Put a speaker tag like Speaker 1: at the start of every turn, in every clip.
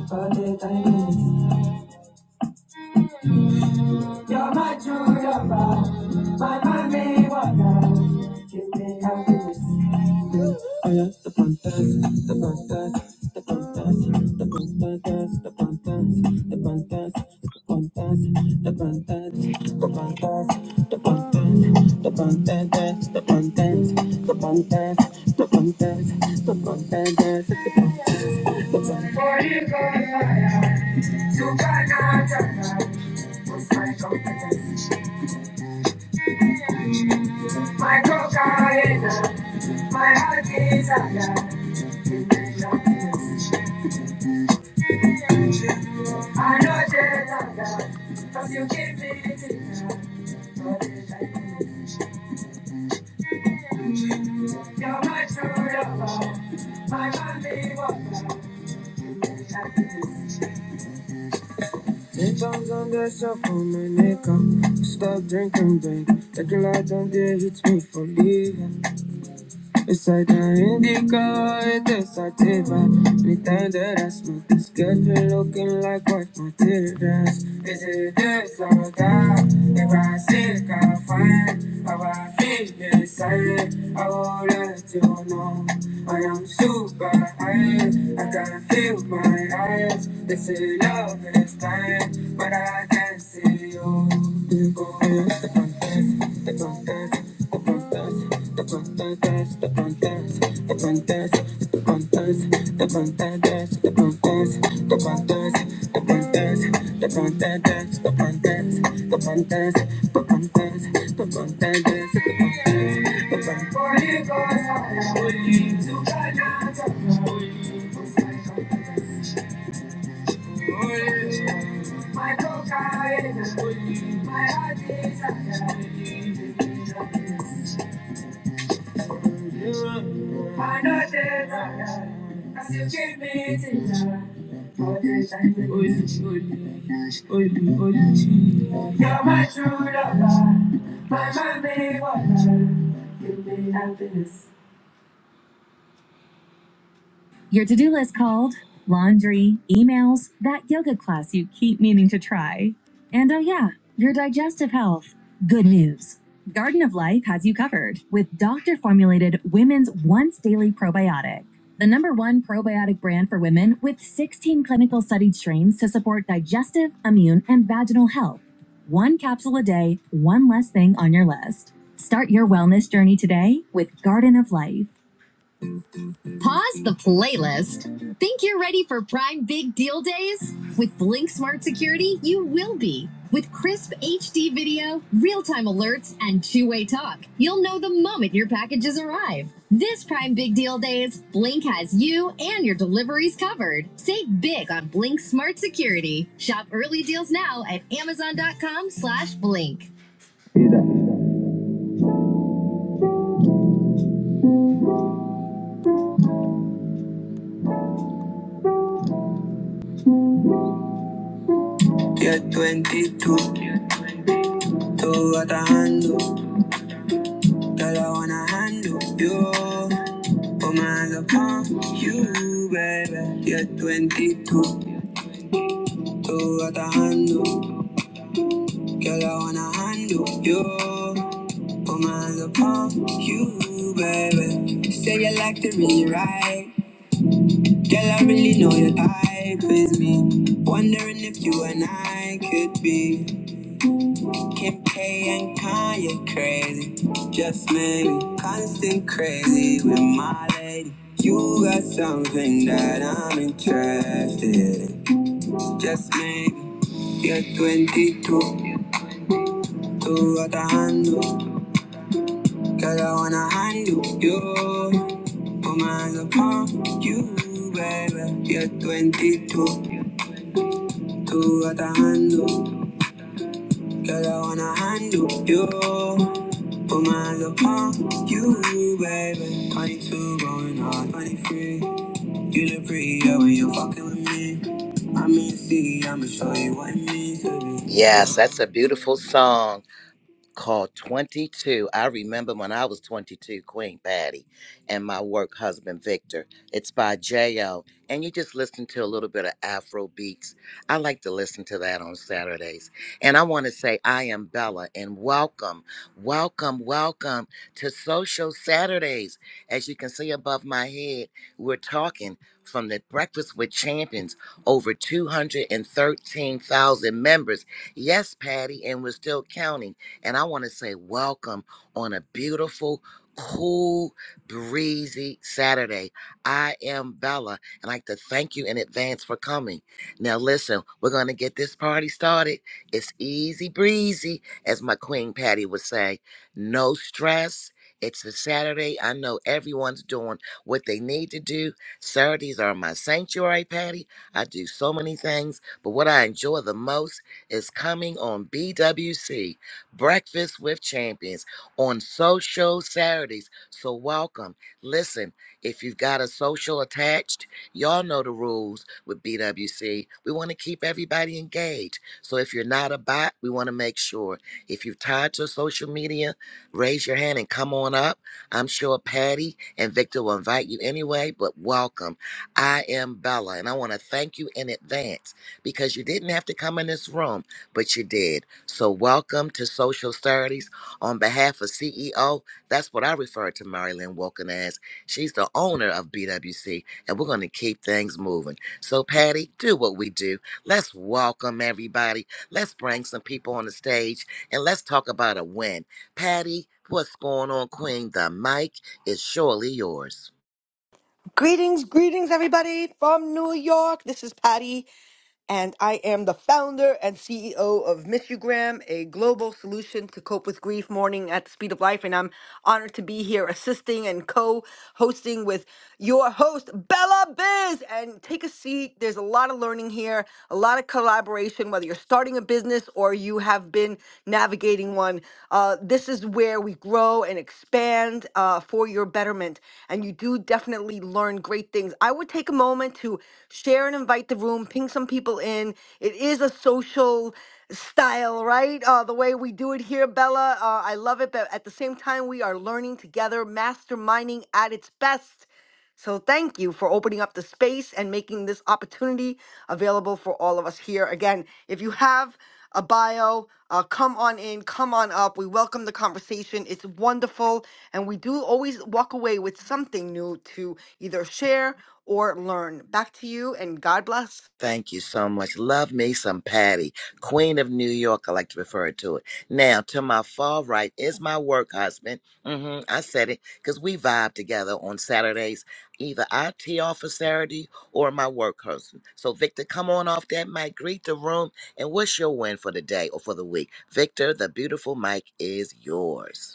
Speaker 1: You're my joy, my money, wonder, Give me happiness. I am the pantas, the pantas, the pantas, the pantas, the pantas, the pantas, the pantas, the pantas, the pantas, the pantas, the pantas, the pantas, the pantas, the pantas, the pantas, the pantas, For you go fire, to find out about what's my confidence. My cocaine, my heart is alive. I know that cause you give me the You're my true lover, my only one. Ten times on that cell phone, my nigga. Stop drinking, babe. Like a lot on there, hits me for leaving. It's like an indigo, it's a sativa. Anything that I smoke, this girl's been looking like what my tear does. Is it this or that? If I seek, I'll find. How I feel inside, I will let you know. I am super high, I can feel my eyes. They say love is blind, but I can not see you. Thank you. My coca is a queen. My heart is a gun. I know that I am. As you give me tonight. All the time we only, only, only, only. You're my true lover. My mommy, what love. You made happiness. Your to do list called laundry, emails, that yoga class you keep meaning to try. And oh, yeah, your digestive health. Good news. Garden of Life has you covered with doctor formulated women's once daily probiotic, the number one probiotic brand for women with 16 clinical studied strains to support digestive, immune, and vaginal health. One capsule a day, one less thing on your list. Start your wellness journey today with Garden of Life. Pause the playlist. Think you're ready for Prime Big Deal Days? With Blink Smart Security, you will be. With crisp HD video, real time alerts, and two way talk, you'll know the moment your packages arrive. This Prime Big Deal Days, Blink has you and your deliveries covered. Save big on Blink Smart Security. Shop early deals now at amazon.com slash blink. Get 22, two at a handle. Girl, I want Oh man, upon you, baby. You're 22, so what a handle. Girl, I wanna handle you. Oh man, upon you, baby. Say you like to really right. Girl, I really know your type is me. Wondering if you and I could be. Kim K and Kanye crazy. Just maybe constant crazy with my lady. You got something that I'm interested in. Just maybe you're 22, two at the handle. Girl, I wanna handle you. Put my hands upon you, baby. You're 22, two at the handle. Girl, I wanna handle you. Put my hands upon you, baby. 22 going on 23. You look prettier when you're fucking with me. I mean, see, I'ma show you what it means to be. Yes, that's a beautiful song. called 22. I remember when I was 22, Queen Patty, and my work husband Victor. It's by J.O. And you just listen to a little bit of Afro beats. I like to listen to that on Saturdays. And I want to say, I am Bella, and welcome, welcome, welcome to Social Saturdays. As you can see above my head, we're talking from the Breakfast with Champions, over 213,000 members. Yes, Patty, and we're still counting. And I want to say welcome on a beautiful, cool, breezy Saturday. I am Bella, and I'd like to thank you in advance for coming. Now, listen, we're going to get this party started. It's easy breezy, as my Queen Patty would say. No stress. It's a Saturday. I know everyone's doing what they need to do. Saturdays are my sanctuary, Patty. I do so many things, but what I enjoy the most is coming on BWC. Breakfast with Champions on social Saturdays. So welcome. Listen, if you've got a social attached, y'all know the rules with BWC. We want to keep everybody engaged. So if you're not a bot, we want to make sure. If you are tied to social media, raise your hand and come on up. I'm sure Patty and Victor will invite you anyway, but welcome. I am Bella, and I want to thank you in advance because you didn't have to come in this room, but you did. So, welcome to Social Saturdays. On behalf of CEO, that's what I refer to Marilyn Wilkin as. She's the owner of BWC, and we're going to keep things moving. So, Patty, do what we do. Let's welcome everybody. Let's bring some people on the stage and let's talk about a win. Patty, what's going on, Queen? The mic is surely yours.
Speaker 2: Greetings, greetings, everybody from New York. This is Patty, and I am the founder and CEO of Miss You Graham, a global solution to cope with grief mourning at the speed of life. And I'm honored to be here assisting and co hosting with your host, Bella Biz. And take a seat. There's a lot of learning here, a lot of collaboration, whether you're starting a business or you have been navigating one. Uh, this is where we grow and expand uh, for your betterment. And you do definitely learn great things. I would take a moment to share and invite the room, ping some people in. It is a social style, right? Uh, the way we do it here, Bella. Uh, I love it. But at the same time, we are learning together, masterminding at its best. So thank you for opening up the space and making this opportunity available for all of us here. Again, if you have a bio, uh, come on in, come on up. We welcome the conversation. It's wonderful. And we do always walk away with something new to either share or learn. Back to you, and God bless.
Speaker 1: Thank you so much. Love me some Patty, Queen of New York. I like to refer to it. Now, to my far right is my work husband. hmm I said it because we vibe together on Saturdays. Either I tee off for Saturday or my work husband. So, Victor, come on off that mic, greet the room, and what's your win for the day or for the week? Victor, the beautiful mic is yours.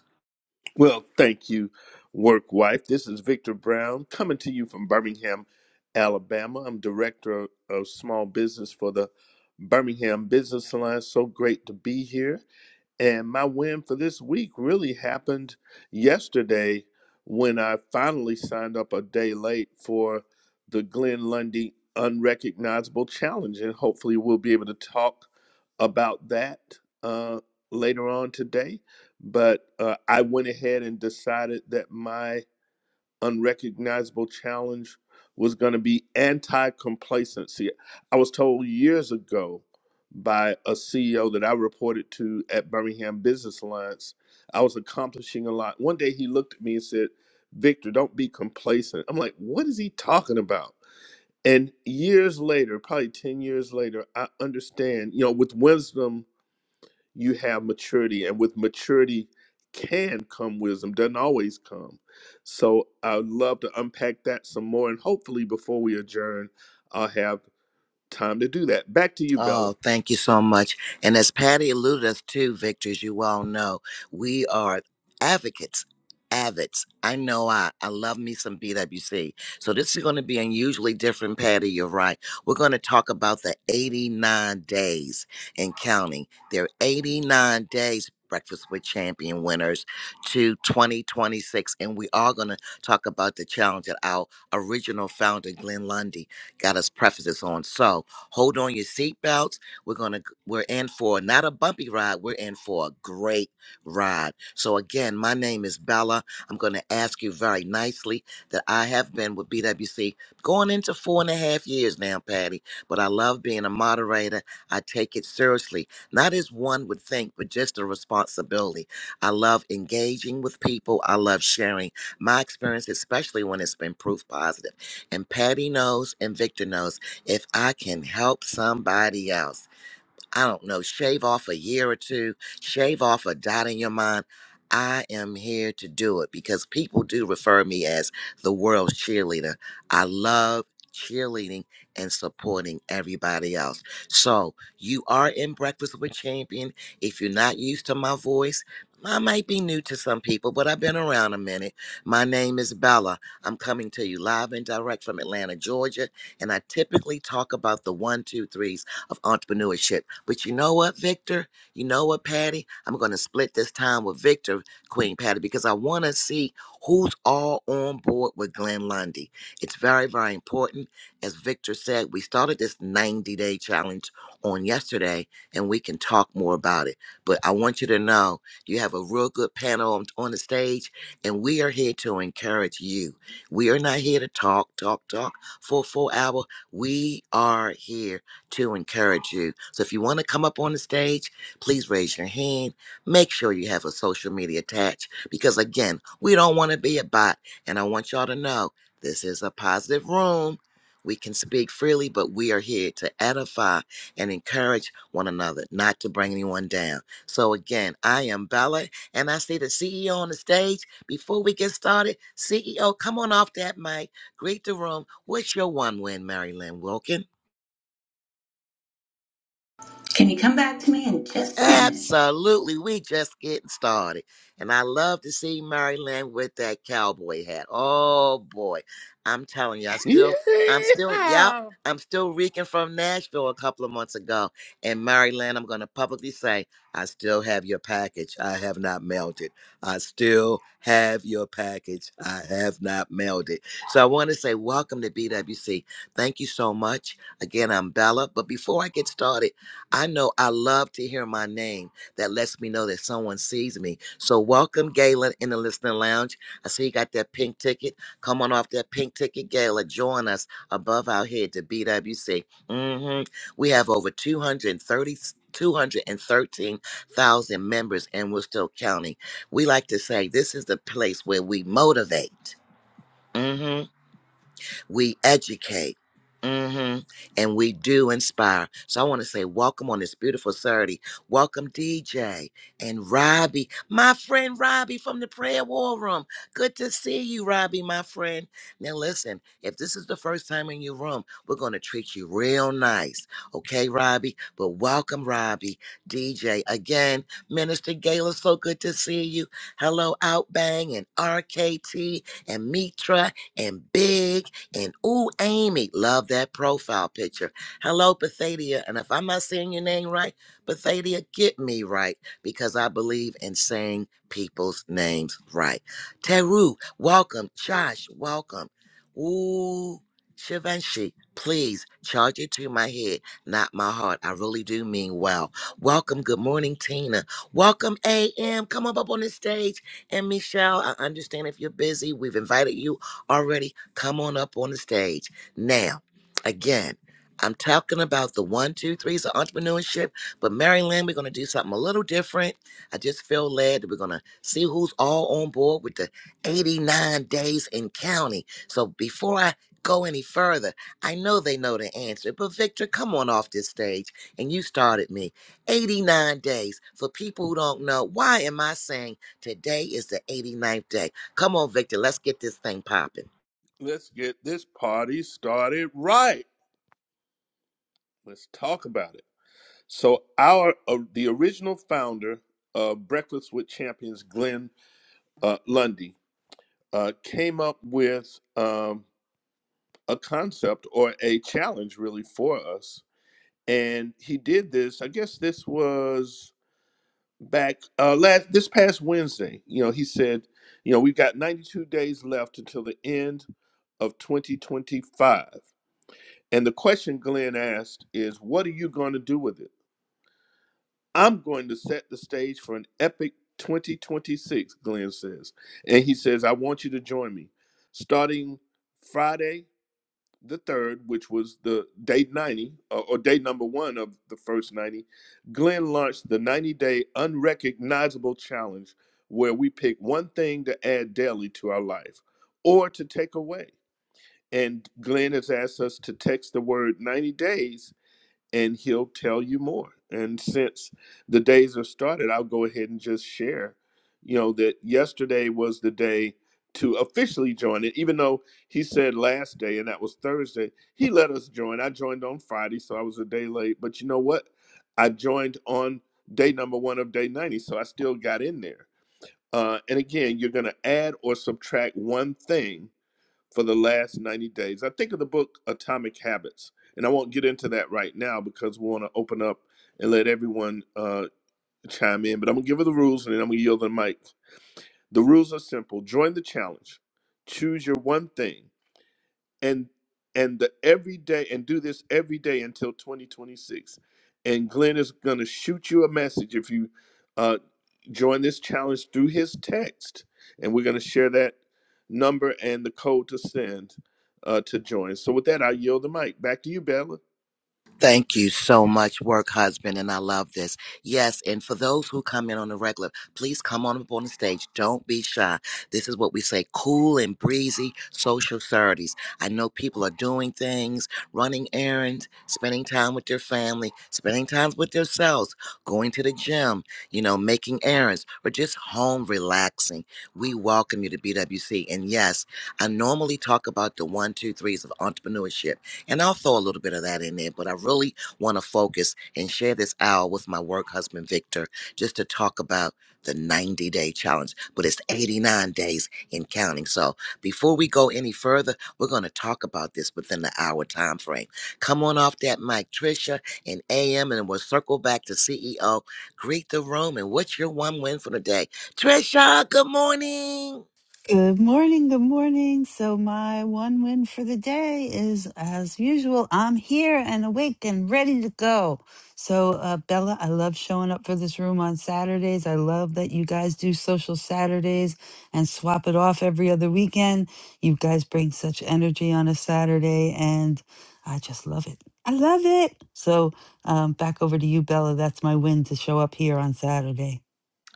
Speaker 3: Well, thank you, work wife. This is Victor Brown coming to you from Birmingham, Alabama. I'm director of small business for the Birmingham Business Alliance. So great to be here. And my win for this week really happened yesterday when I finally signed up a day late for the Glenn Lundy Unrecognizable Challenge. And hopefully, we'll be able to talk about that uh, later on today. But uh, I went ahead and decided that my unrecognizable challenge was going to be anti complacency. I was told years ago by a CEO that I reported to at Birmingham Business Alliance, I was accomplishing a lot. One day he looked at me and said, Victor, don't be complacent. I'm like, what is he talking about? And years later, probably 10 years later, I understand, you know, with wisdom you have maturity and with maturity can come wisdom doesn't always come so i'd love to unpack that some more and hopefully before we adjourn i'll have time to do that back to you bella
Speaker 1: Oh, thank you so much. And as Patty alluded us to, Victor, as you all know, we are advocates, avids. I know I, I love me some BWC. So this is going to be unusually different, Patty. You're right. We're going to talk about the 89 days and counting. There are 89 days. Breakfast with Champion winners to 2026. And we are going to talk about the challenge that our original founder, Glenn Lundy, got us prefaces on. So, Hold on your seatbelts. We're gonna we're in for not a bumpy ride. We're in for a great ride. So again, my name is Bella. I'm gonna ask you very nicely that I have been with BWC going into four and a half years now, Patty. But I love being a moderator. I take it seriously, not as one would think, but just a responsibility. I love engaging with people. I love sharing my experience, especially when it's been proof positive. And Patty knows, and Victor knows if I can help somebody else. I don't know, shave off a year or two, shave off a dot in your mind. I am here to do it because people do refer me as the world's cheerleader. I love cheerleading and supporting everybody else. So, you are in Breakfast with Champion. If you're not used to my voice, I might be new to some people, but I've been around a minute. My name is Bella. I'm coming to you live and direct from Atlanta, Georgia, and I typically talk about the one, two, threes of entrepreneurship. But you know what, Victor? You know what, Patty? I'm going to split this time with Victor, Queen Patty, because I want to see who's all on board with Glenn Lundy. It's very, very important. As Victor said, we started this 90 day challenge on yesterday, and we can talk more about it. But I want you to know you have a real good panel on, on the stage, and we are here to encourage you. We are not here to talk, talk, talk for a full hour. We are here to encourage you. So if you want to come up on the stage, please raise your hand. Make sure you have a social media attached because, again, we don't want to be a bot. And I want y'all to know this is a positive room. We can speak freely, but we are here to edify and encourage one another, not to bring anyone down. So, again, I am Bella, and I see the CEO on the stage. Before we get started, CEO, come on off that mic, greet the room. What's your one win, Mary Lynn Wilkin?
Speaker 4: Can you come back to me in just a minute?
Speaker 1: Absolutely. We just getting started. And I love to see Maryland with that cowboy hat. Oh boy. I'm telling you, I still I'm still yep.
Speaker 3: yeah
Speaker 1: I'm still reeking from Nashville a couple of months ago. And Maryland, I'm gonna publicly say, I still have your package. I have not mailed it. I still have your package. I have not mailed it. So I want to say welcome to BWC. Thank you so much. Again, I'm Bella. But before I get started, I know I love to hear my name. That lets me know that someone sees me. So welcome, Galen, in the listening lounge. I see you got that pink ticket. Come on off that pink ticket, Gala. Join us above our head to BWC. hmm We have over two hundred thirty two hundred thirteen thousand members, and we're still counting. We like to say this is the place where we motivate. Mm-hmm we educate hmm and we do inspire so i want to say welcome on this beautiful saturday welcome dj and robbie my friend robbie from the prayer war room good to see you robbie my friend now listen if this is the first time in your room we're going to treat you real nice okay robbie but welcome robbie dj again minister gala so good to see you hello outbang and rkt and mitra and big and ooh, Amy, love that profile picture. Hello, Pathadia. And if I'm not saying your name right, Pathadia, get me right because I believe in saying people's names right. Teru, welcome. Josh, welcome. Ooh, Shivanshi, please charge it to my head, not my heart. I really do mean well. Welcome. Good morning, Tina. Welcome, AM. Come up, up on the stage. And Michelle, I understand if you're busy. We've invited you already Come on up on the stage. Now, again, I'm talking about the one, two, threes of entrepreneurship, but Mary Lynn, we're going to do something a little different. I just feel led that we're going to see who's all on board with the 89 days in county. So before I go any further, I know they know the answer, but Victor, come on off this stage and you started me. 89 days. For people who don't know, why am I saying today is the 89th day? Come on, Victor, let's get this thing popping.
Speaker 3: let's get this party started right let's talk about it so our uh, the original founder of breakfast with champions glenn uh, lundy uh, came up with um, a concept or a challenge really for us. And he did this, I guess this was back uh last this past Wednesday. You know, he said, you know, we've got 92 days left until the end of 2025. And the question Glenn asked is, what are you going to do with it? I'm going to set the stage for an epic 2026, Glenn says. And he says, I want you to join me starting Friday the third, which was the day 90 or, or day number one of the first 90, Glenn launched the 90 day unrecognizable challenge where we pick one thing to add daily to our life or to take away. And Glenn has asked us to text the word 90 days and he'll tell you more. And since the days are started, I'll go ahead and just share, you know, that yesterday was the day to officially join it, even though he said last day and that was Thursday. He let us join. I joined on Friday, so I was a day late. But you know what? I joined on day number one of day 90, so I still got in there. Uh, and again, you're going to add or subtract one thing for the last 90 days. I think of the book Atomic Habits, and I won't get into that right now because we want to open up and let everyone uh, chime in. But I'm going to give her the rules and then I'm going to yield the mic. The rules are simple join the challenge, choose your one thing and and the every day and do this every day until 2026 and glenn is going to shoot you a message if you uh, join this challenge through his text and we're going to share that number and the code to send uh, to join so with that i yield the mic back to you bella
Speaker 1: Thank you so much, work husband, and I love this. Yes, and for those who come in on the regular, please come on up on the stage. Don't be shy. This is what we say: cool and breezy social sororities. I know people are doing things, running errands, spending time with their family, spending time with themselves, going to the gym, you know, making errands, or just home relaxing. We welcome you to BWC. And yes, I normally talk about the one, two, threes of entrepreneurship and I'll throw a little bit of that in there, but I really want to focus and share this hour with my work husband, Victor, just to talk about the 90 day challenge, but it's 89 days in counting. So before we go any further, we're going to talk about this within the hour time frame. Come on off that mic, Trisha and AM, and we'll circle back to CEO. Greet the room, and what's your one win for the day? Trisha, good morning.
Speaker 5: Good morning, good morning. So, my one win for the day is as usual, I'm here and awake and ready to go. So, uh, Bella, I love showing up for this room on Saturdays. I love that you guys do social Saturdays and swap it off every other weekend. You guys bring such energy on a Saturday, and I just love it. I love it. So, um, back over to you, Bella. That's my win to show up here on Saturday.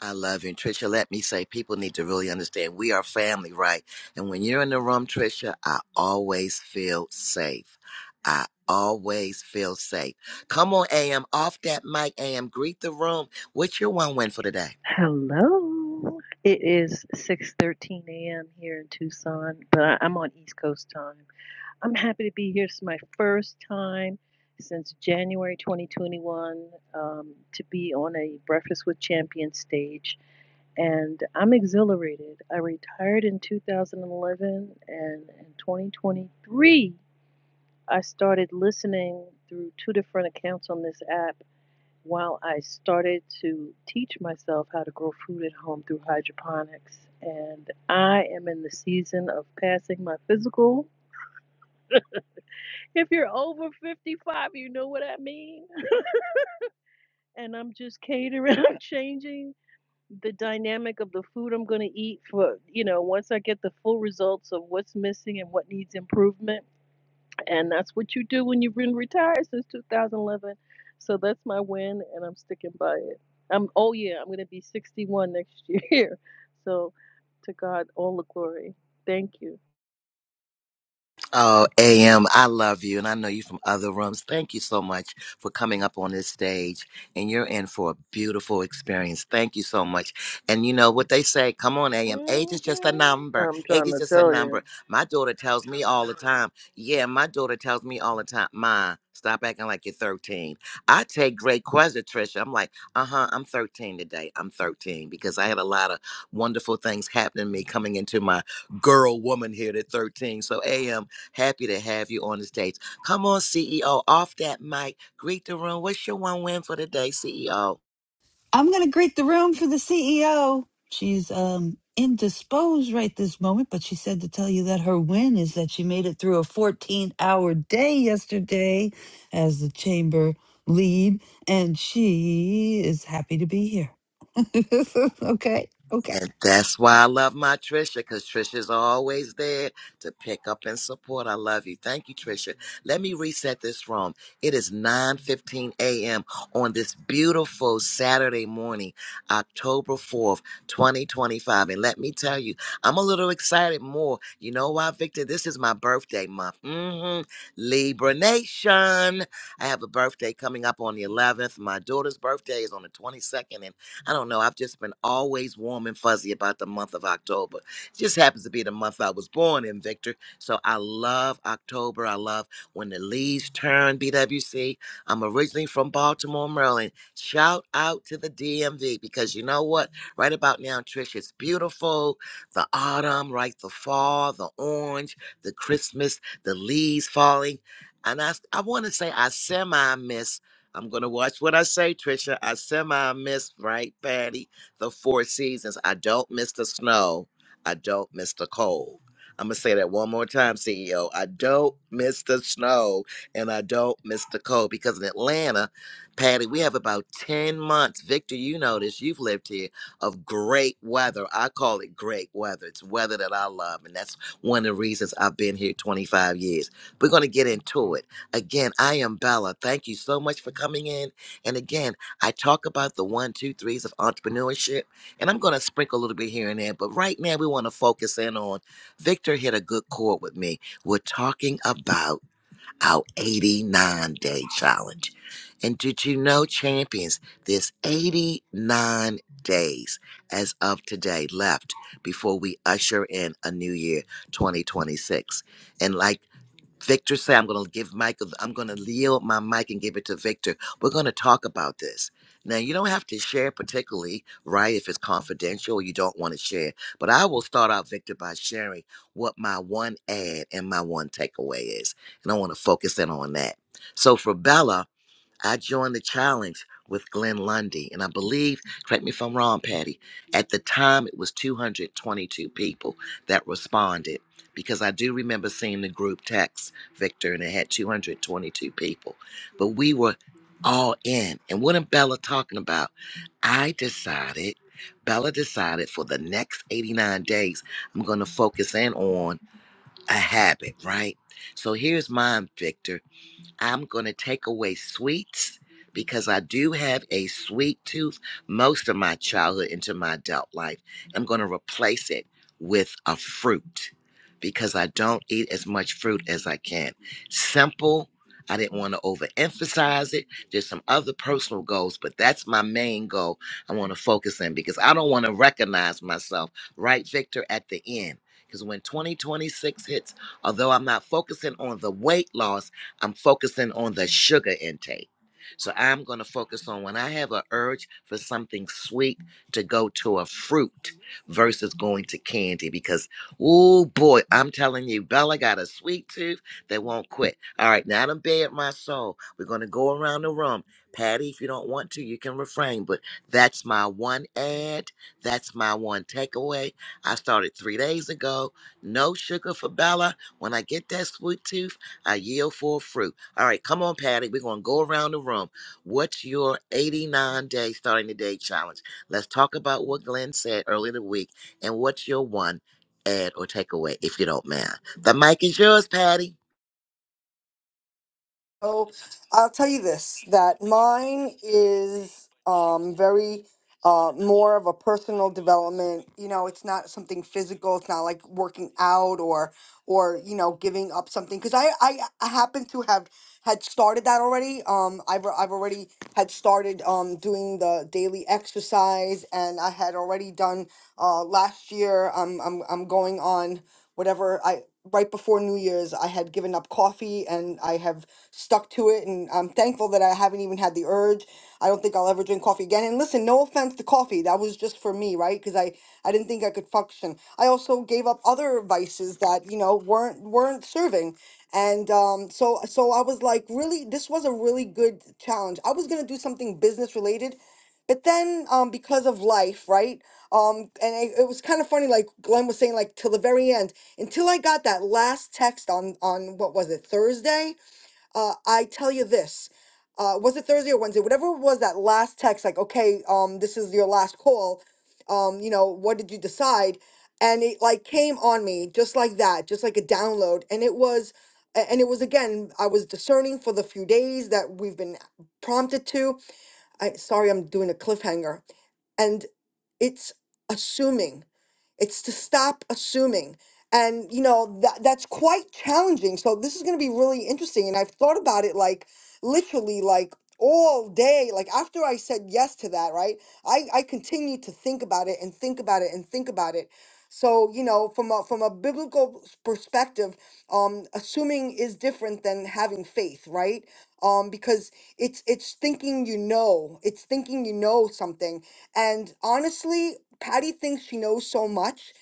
Speaker 1: I love you. And Tricia, let me say, people need to really understand we are family, right? And when you're in the room, Tricia, I always feel safe. I always feel safe. Come on, AM, off that mic, AM, greet the room. What's your one win for today?
Speaker 6: Hello. It is 6:13 a.m. here in Tucson, but I- I'm on East Coast time. I'm happy to be here. It's my first time since January 2021 um, to be on a Breakfast with Champions stage, and I'm exhilarated. I retired in 2011, and in 2023, I started listening through two different accounts on this app while I started to teach myself how to grow food at home through hydroponics. And I am in the season of passing my physical. If you're over 55, you know what I mean. And I'm just catering, I'm changing the dynamic of the food I'm going to eat for, you know, once I get the full results of what's missing and what needs improvement. And that's what you do when you've been retired since 2011. So that's my win, and I'm sticking by it. I'm oh yeah, I'm gonna be 61 next year. So to God all the glory. Thank you.
Speaker 1: Oh, AM, I love you. And I know you from other rooms. Thank you so much for coming up on this stage. And you're in for a beautiful experience. Thank you so much. And you know what they say? Come on, AM. Age is just a
Speaker 6: hmm
Speaker 1: number.
Speaker 6: I'm
Speaker 1: Age
Speaker 6: trying
Speaker 1: is
Speaker 6: to
Speaker 1: just a
Speaker 6: tell you.
Speaker 1: number. My daughter tells me all the time. Yeah, my daughter tells me all the time, Ma, stop acting like you're 13. I take great questions, Trisha. I'm like, uh huh, I'm 13 today. I'm 13 because I had a lot of wonderful things happening to me coming into my girl woman here at 13. So, AM, Happy to have you on the stage. Come on, CEO, off that mic. Greet the room. What's your one win for the day, CEO?
Speaker 5: I'm going to greet the room for the CEO. She's um, indisposed right this moment, but she said to tell you that her win is that she made it through a 14 hour day yesterday as the chamber lead, and she is happy to be here. okay, okay.
Speaker 1: And that's why I love my Trisha, because Trisha's always there to pick up and support. I love you. Thank you, Trisha. Let me reset this room. It is 9:15 a.m. on this beautiful Saturday morning, October 4th, 2025. And let me tell you, I'm a little excited more. You know why, Victor? This is my birthday month. hmm Libra Nation. I have a birthday coming up on the 11th. My daughter's birthday is on the 22nd I don't know. I've just been always warm and fuzzy about the month of October. It just happens to be the month I was born in, Victor. So I love October. I love when the leaves turn, BWC. I'm originally from Baltimore, Maryland. Shout out to the DMV because you know what? Right about now, Trish, it's beautiful. The autumn, right? The fall, the orange, the Christmas, the leaves falling. And I, I want to say I semi miss I'm gonna watch what I say, Trisha. I semi missed, right, Patty? The four seasons. I don't miss the snow. I don't miss the cold. I'm gonna say that one more time, CEO. I don't miss the snow and I don't miss the cold because in Atlanta, Patty, we have about 10 months. Victor, you know this, you've lived here, of great weather. I call it great weather. It's weather that I love, and that's one of the reasons I've been here 25 years. We're gonna get into it. Again, I am Bella. Thank you so much for coming in. And again, I talk about the one, two, threes of entrepreneurship, and I'm going to sprinkle a little bit here and there. But right now, we want to focus in on Victor hit a good chord with me. We're talking about our 89 day challenge. And did you know, champions, there's 89 days as of today left before we usher in a new year, 2026. And like Victor say I'm going to give Michael, I'm going to yield my mic and give it to Victor. We're going to talk about this. Now, you don't have to share particularly, right, if it's confidential or you don't want to share. But I will start out, Victor, by sharing what my one ad and my one takeaway is. And I want to focus in on that. So for Bella, I joined the challenge with Glenn Lundy, and I believe, correct me if I'm wrong, Patty, at the time it was 222 people that responded because I do remember seeing the group text, Victor, and it had 222 people. But we were all in. And what am Bella talking about? I decided, Bella decided for the next 89 days, I'm going to focus in on a habit, right? So here's mine, Victor. I'm going to take away sweets because I do have a sweet tooth most of my childhood into my adult life. I'm going to replace it with a fruit because I don't eat as much fruit as I can. Simple. I didn't want to overemphasize it. There's some other personal goals, but that's my main goal I want to focus in because I don't want to recognize myself, right, Victor, at the end. Because when 2026 hits, although I'm not focusing on the weight loss, I'm focusing on the sugar intake. So I'm going to focus on when I have an urge for something sweet to go to a fruit versus going to candy because, oh boy, I'm telling you, Bella got a sweet tooth that won't quit. All right, now I'm bared my soul. We're going to go around the room. Patty, if you don't want to, you can refrain, but that's my one ad. That's my one takeaway. I started three days ago. No sugar for Bella. When I get that sweet tooth, I yield for fruit. All right, come on, Patty. We're going to go around the room. What's your 89 day starting the day challenge? Let's talk about what Glenn said earlier in the week and what's your one add or takeaway, if you don't mind. The mic is yours, Patty.
Speaker 2: So I'll tell you this, that mine is um very uh more of a personal development. You know, it's not something physical. It's not like working out or or you know giving up something because I, I I happen to have had started that already. Um, I've I've already had started um doing the daily exercise, and I had already done uh last year. I'm I'm I'm going on whatever I right before New Year's. I had given up coffee, and I have stuck to it, and I'm thankful that I haven't haven't even had the urge. I don't think I'll ever drink coffee again. And listen, no offense to coffee. That was just for me, right? Because I, I didn't think I could function. I also gave up other vices that, you know, weren't weren't serving. And um, so so I was like, really, this was a really good challenge. I was gonna do something business related but then um, because of life, right? Um, and it, it was kind of funny, like Glenn was saying, like till the very end, until I got that last text on on what was it Thursday, uh, I tell you this, uh, was it Thursday or Wednesday? Whatever it was that last text, like, okay, um, this is your last call. Um, you know, what did you decide? And it like came on me just like that, just like a download. And it was, a- and it was again, I was discerning for the few days that we've been prompted to. I sorry, I'm doing a cliffhanger, and it's assuming. It's to stop assuming. And, you know, that, that's quite challenging. So this is going to be really interesting. And I've thought about it like literally like all day. Like after I said yes to that, right? I, I continued to think about it and think about it and think about it. So, you know, from a, from a biblical s- perspective, um, assuming is different than having faith, right? um, because it's it's thinking you know, it's thinking you know something. And honestly, Patty thinks she knows so much,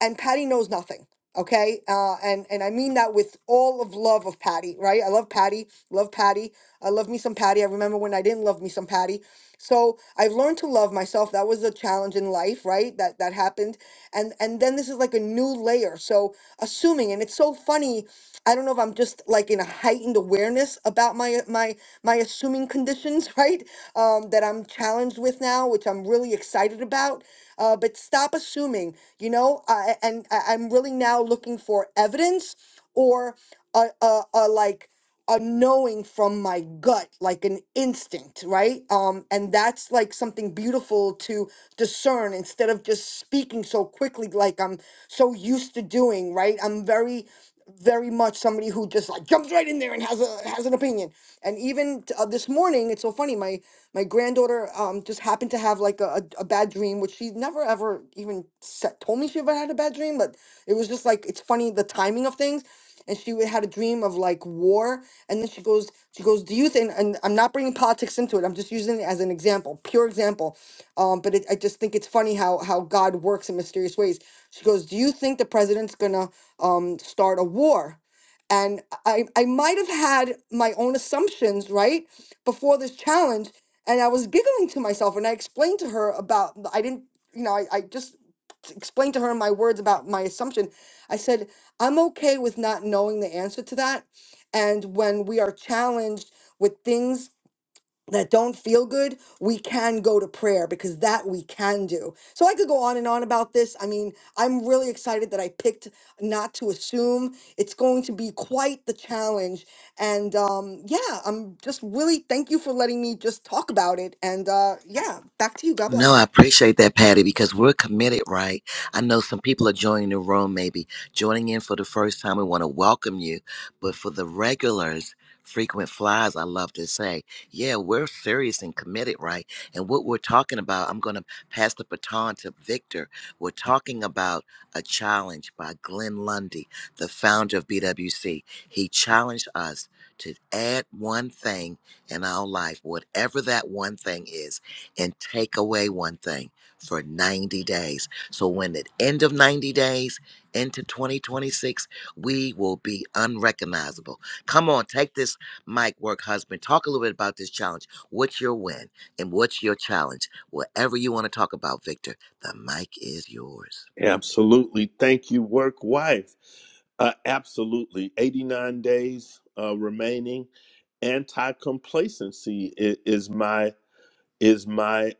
Speaker 2: and Patty knows nothing. Okay, uh, and and I mean that with all of love of Patty, right? I love Patty, love Patty. I love me some Patty. I remember when I didn't love me some Patty. So I've learned to love myself. That was a challenge in life, right? That that happened. And and then this is like a new layer. So assuming, and it's so funny, I don't know if I'm just like in a heightened awareness about my my my assuming conditions, right? Um, that I'm challenged with now, which I'm really excited about. Uh, but stop assuming, you know, I, and I- I'm really now looking for evidence or a, a, a like a knowing from my gut like an instinct right um and that's like something beautiful to discern instead of just speaking so quickly like i'm so used to doing right i'm very very much somebody who just like jumps right in there and has a has an opinion and even t- uh, this morning it's so funny my my granddaughter um just happened to have like a, a, a bad dream which she never ever even said, told me she ever had a bad dream but it was just like it's funny the timing of things and she would- had a dream of like war and then she goes she goes do you think and i'm not bringing politics into it i'm just using it as an example pure example um, but it, i just think it's funny how how god works in mysterious ways she goes do you think the president's gonna um, start a war and i i might have had my own assumptions right before this challenge and i was giggling to myself and i explained to her about i didn't you know i, I just t- explained to her in my words about my assumption. I said, I'm okay with not knowing the answer to that. And when we are challenged with things that don't feel good, we can go to prayer because that we can do. So I could go on and on about this. I mean, I'm really excited that I picked not to assume. It's going to be quite the challenge. And um, yeah, I'm just really thank you for letting me just talk about it. And uh, yeah, back to you. God
Speaker 1: No,
Speaker 2: bless.
Speaker 1: I appreciate that, Patty, because we're committed, right? I know some people are joining the room, maybe joining in for the first time. We want to welcome you. But for the regulars, frequent flyers, I love to say, yeah, we're serious and committed, right? And what we're talking about, I'm going to pass the baton to Victor. We're talking about A Challenge by Glenn Lundy, the founder of BWC. He challenged us to add one thing in our life, whatever that one thing is and take away one thing for 90 days. So when at end of 90 days into 2026, we will be unrecognizable. Come on, take this mic work husband. Talk a little bit about this challenge. What's your win and what's your challenge? Whatever you want to talk about, Victor, the mic is yours.
Speaker 3: absolutely thank you work wife uh, absolutely 89 days uh, remaining anti-complacency is, is my is my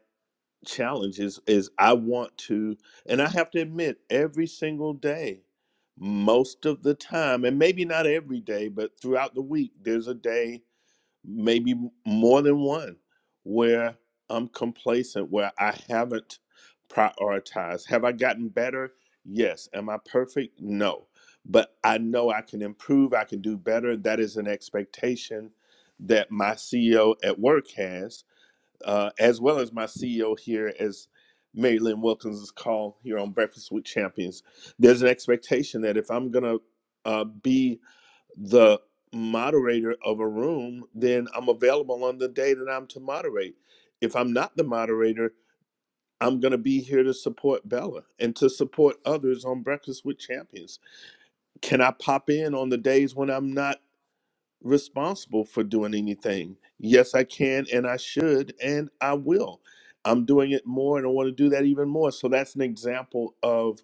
Speaker 3: challenge is is I want to, and I have to admit, every single day, most of the time, and maybe not every day, but throughout the week, there's a day, maybe m- more than one, where I'm complacent, where I haven't prioritized. Have I gotten better? Yes. Am I perfect? No. But I know I can improve, I can do better. That is an expectation that my CEO at work has uh, as well as my CEO here, as Mary Lynn Wilkins' call here on Breakfast with Champions. There's an expectation that if I'm going to uh, be the moderator of a room, then I'm available on the day that I'm to moderate. If I'm not the moderator, I'm going to be here to support Bella and to support others on Breakfast with Champions. Can I pop in on the days when I'm not? responsible for doing anything. Yes, I can and I should and I will. I'm doing it more and I want to do that even more. So that's an example of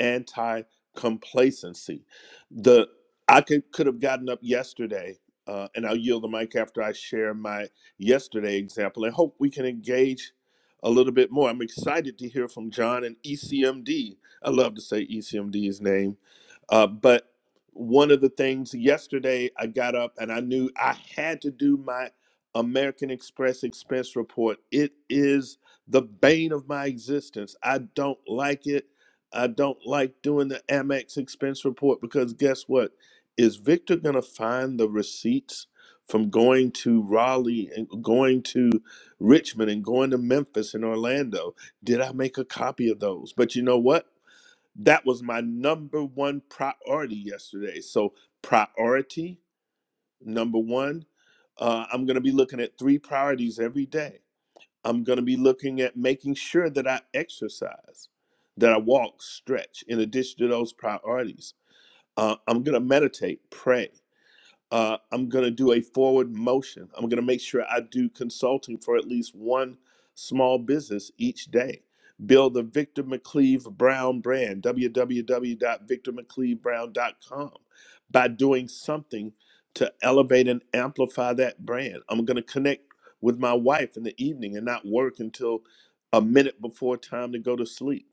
Speaker 3: anti complacency. The I could could have gotten up yesterday, uh, and I'll yield the mic after I share my yesterday example, and hope we can engage a little bit more. I'm excited to hear from John and ECMD. I love to say ECMD's name, uh, but one of the things yesterday I got up and I knew I had to do my American Express expense report. It is the bane of my existence. I don't like it. I don't like doing the Amex expense report because guess what? Is Victor going to find the receipts from going to Raleigh and going to Richmond and going to Memphis and Orlando? Did I make a copy of those? But you know what? That was my number one priority yesterday. So, priority number one, uh, I'm going to be looking at three priorities every day. I'm going to be looking at making sure that I exercise, that I walk, stretch, in addition to those priorities. Uh, I'm going to meditate, pray. Uh, I'm going to do a forward motion. I'm going to make sure I do consulting for at least one small business each day. Build the Victor McCleve Brown brand, w w w dot victor mccleve brown dot com by doing something to elevate and amplify that brand. I'm going to connect with my wife in the evening and not work until a minute before time to go to sleep.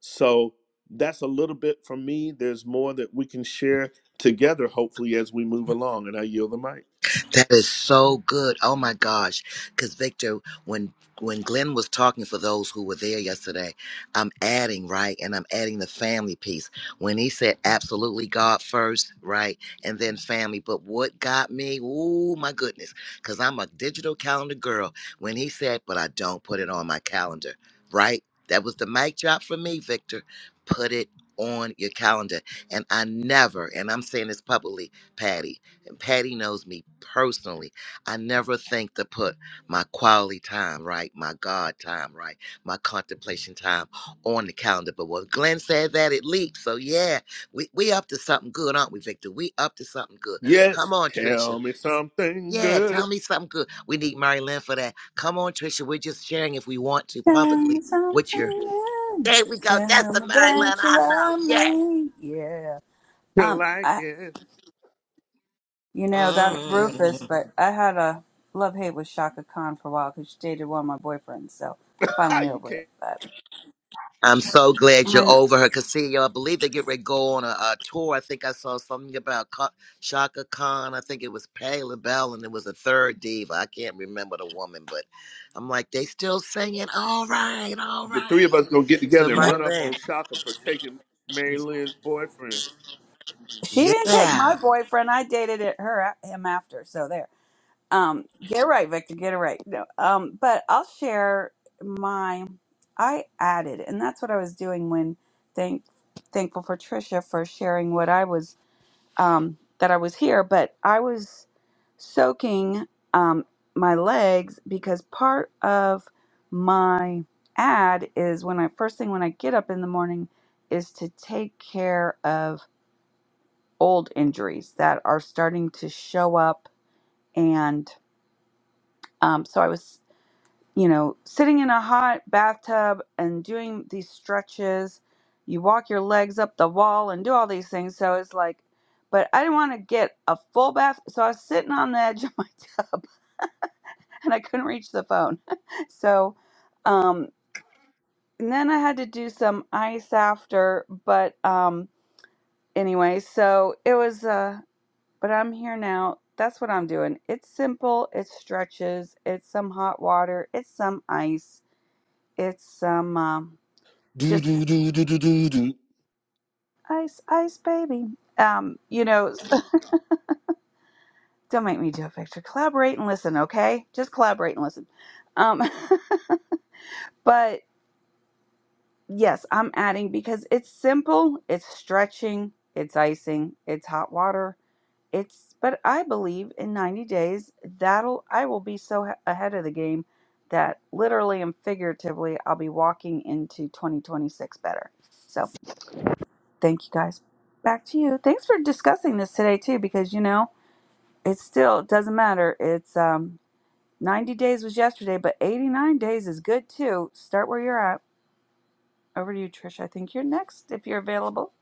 Speaker 3: So that's a little bit from me. There's more that we can share together, hopefully, as we move along. And I yield the mic.
Speaker 1: That is so good. Oh my gosh. Cause Victor, when when Glenn was talking for those who were there yesterday, I'm adding, right? And I'm adding the family piece. When he said absolutely God first, right? And then family. But what got me? Oh my goodness. Cause I'm a digital calendar girl. When he said, but I don't put it on my calendar, right? That was the mic drop for me, Victor. Put it on your calendar. And I never, and I'm saying this publicly, Patty and Patty knows me personally. I never think to put my quality time, right? My God time, right? My contemplation time on the calendar. But when Glenn said that, it leaped. So yeah, we, we up to something good, aren't we, Victor? We up to something good. Come
Speaker 3: Yes,
Speaker 1: on, Tricia.
Speaker 3: tell me something
Speaker 1: Yeah,
Speaker 3: good
Speaker 1: tell me something good. We need Mary Lynn for that. Come on, Tricia. We're just sharing if we want to
Speaker 4: Tell me
Speaker 1: publicly
Speaker 4: something.
Speaker 1: with your there we
Speaker 4: else.
Speaker 1: go. That's
Speaker 4: Tell
Speaker 1: the
Speaker 4: me
Speaker 1: Mary
Speaker 4: that
Speaker 1: Lynn
Speaker 4: you
Speaker 1: I know.
Speaker 4: love
Speaker 1: Yeah.
Speaker 4: me. Yeah.
Speaker 3: to
Speaker 4: Um,
Speaker 3: like
Speaker 4: I,
Speaker 3: it.
Speaker 4: you know, that's
Speaker 1: Mm.
Speaker 4: Rufus, but I had a love hate with Shaka Khan for a while because she dated one of my boyfriends, so I'm finally
Speaker 3: you
Speaker 4: over it.
Speaker 3: can't.
Speaker 4: But
Speaker 1: I'm so glad you're
Speaker 4: I,
Speaker 1: over her. Cause see, I believe they get ready to go on a, a tour. I think I saw something about Ka- Shaka Khan. I think it was Payla Bell, and it was a third diva. I can't remember the woman, but I'm like, they still singing. All right, all
Speaker 3: The three of
Speaker 1: right.
Speaker 3: us gonna get
Speaker 1: So
Speaker 3: together and
Speaker 4: yeah,
Speaker 3: run up on
Speaker 1: Marilyn,
Speaker 3: Shaka for taking Mary Lynn's boyfriend.
Speaker 4: she didn't take
Speaker 1: yeah.
Speaker 4: my boyfriend. I dated it, her him after. So there. Um, get it right, Victor. Get it right. No, um, but I'll share my. I added, and that's what I was doing when thank thankful for Trisha for sharing what I was um, that I was here. But I was soaking um, my legs because part of my ad is when I first thing when I get up in the morning is to take care of old injuries that are starting to show up and um, so I was you know, sitting in a hot bathtub and doing these stretches. You walk your legs up the wall and do all these things. So it's like, but I didn't want to get a full bath. So I was sitting on the edge of my tub and I couldn't reach the phone. so, um, and then I had to do some ice after. But um, anyway, so it was, uh, but I'm here now. That's what I'm doing. It's simple. It's stretches. It's some hot water. It's some ice. It's some, um,
Speaker 3: Do
Speaker 4: just
Speaker 3: do do do do do do.
Speaker 4: ice ice baby um you know don't make me do it victor collaborate and listen okay just collaborate and listen um but yes i'm adding because it's simple it's stretching it's icing it's hot water it's but i believe in 90 days that'll i will be so ha- ahead of the game that literally and figuratively i'll be walking into 2026 better so thank you guys back to you thanks for discussing this today too because you know It still doesn't matter. It's um 90 days was yesterday, but 89 days is good too. Start where you're at. Over to you, Trish. I think you're next if you're available.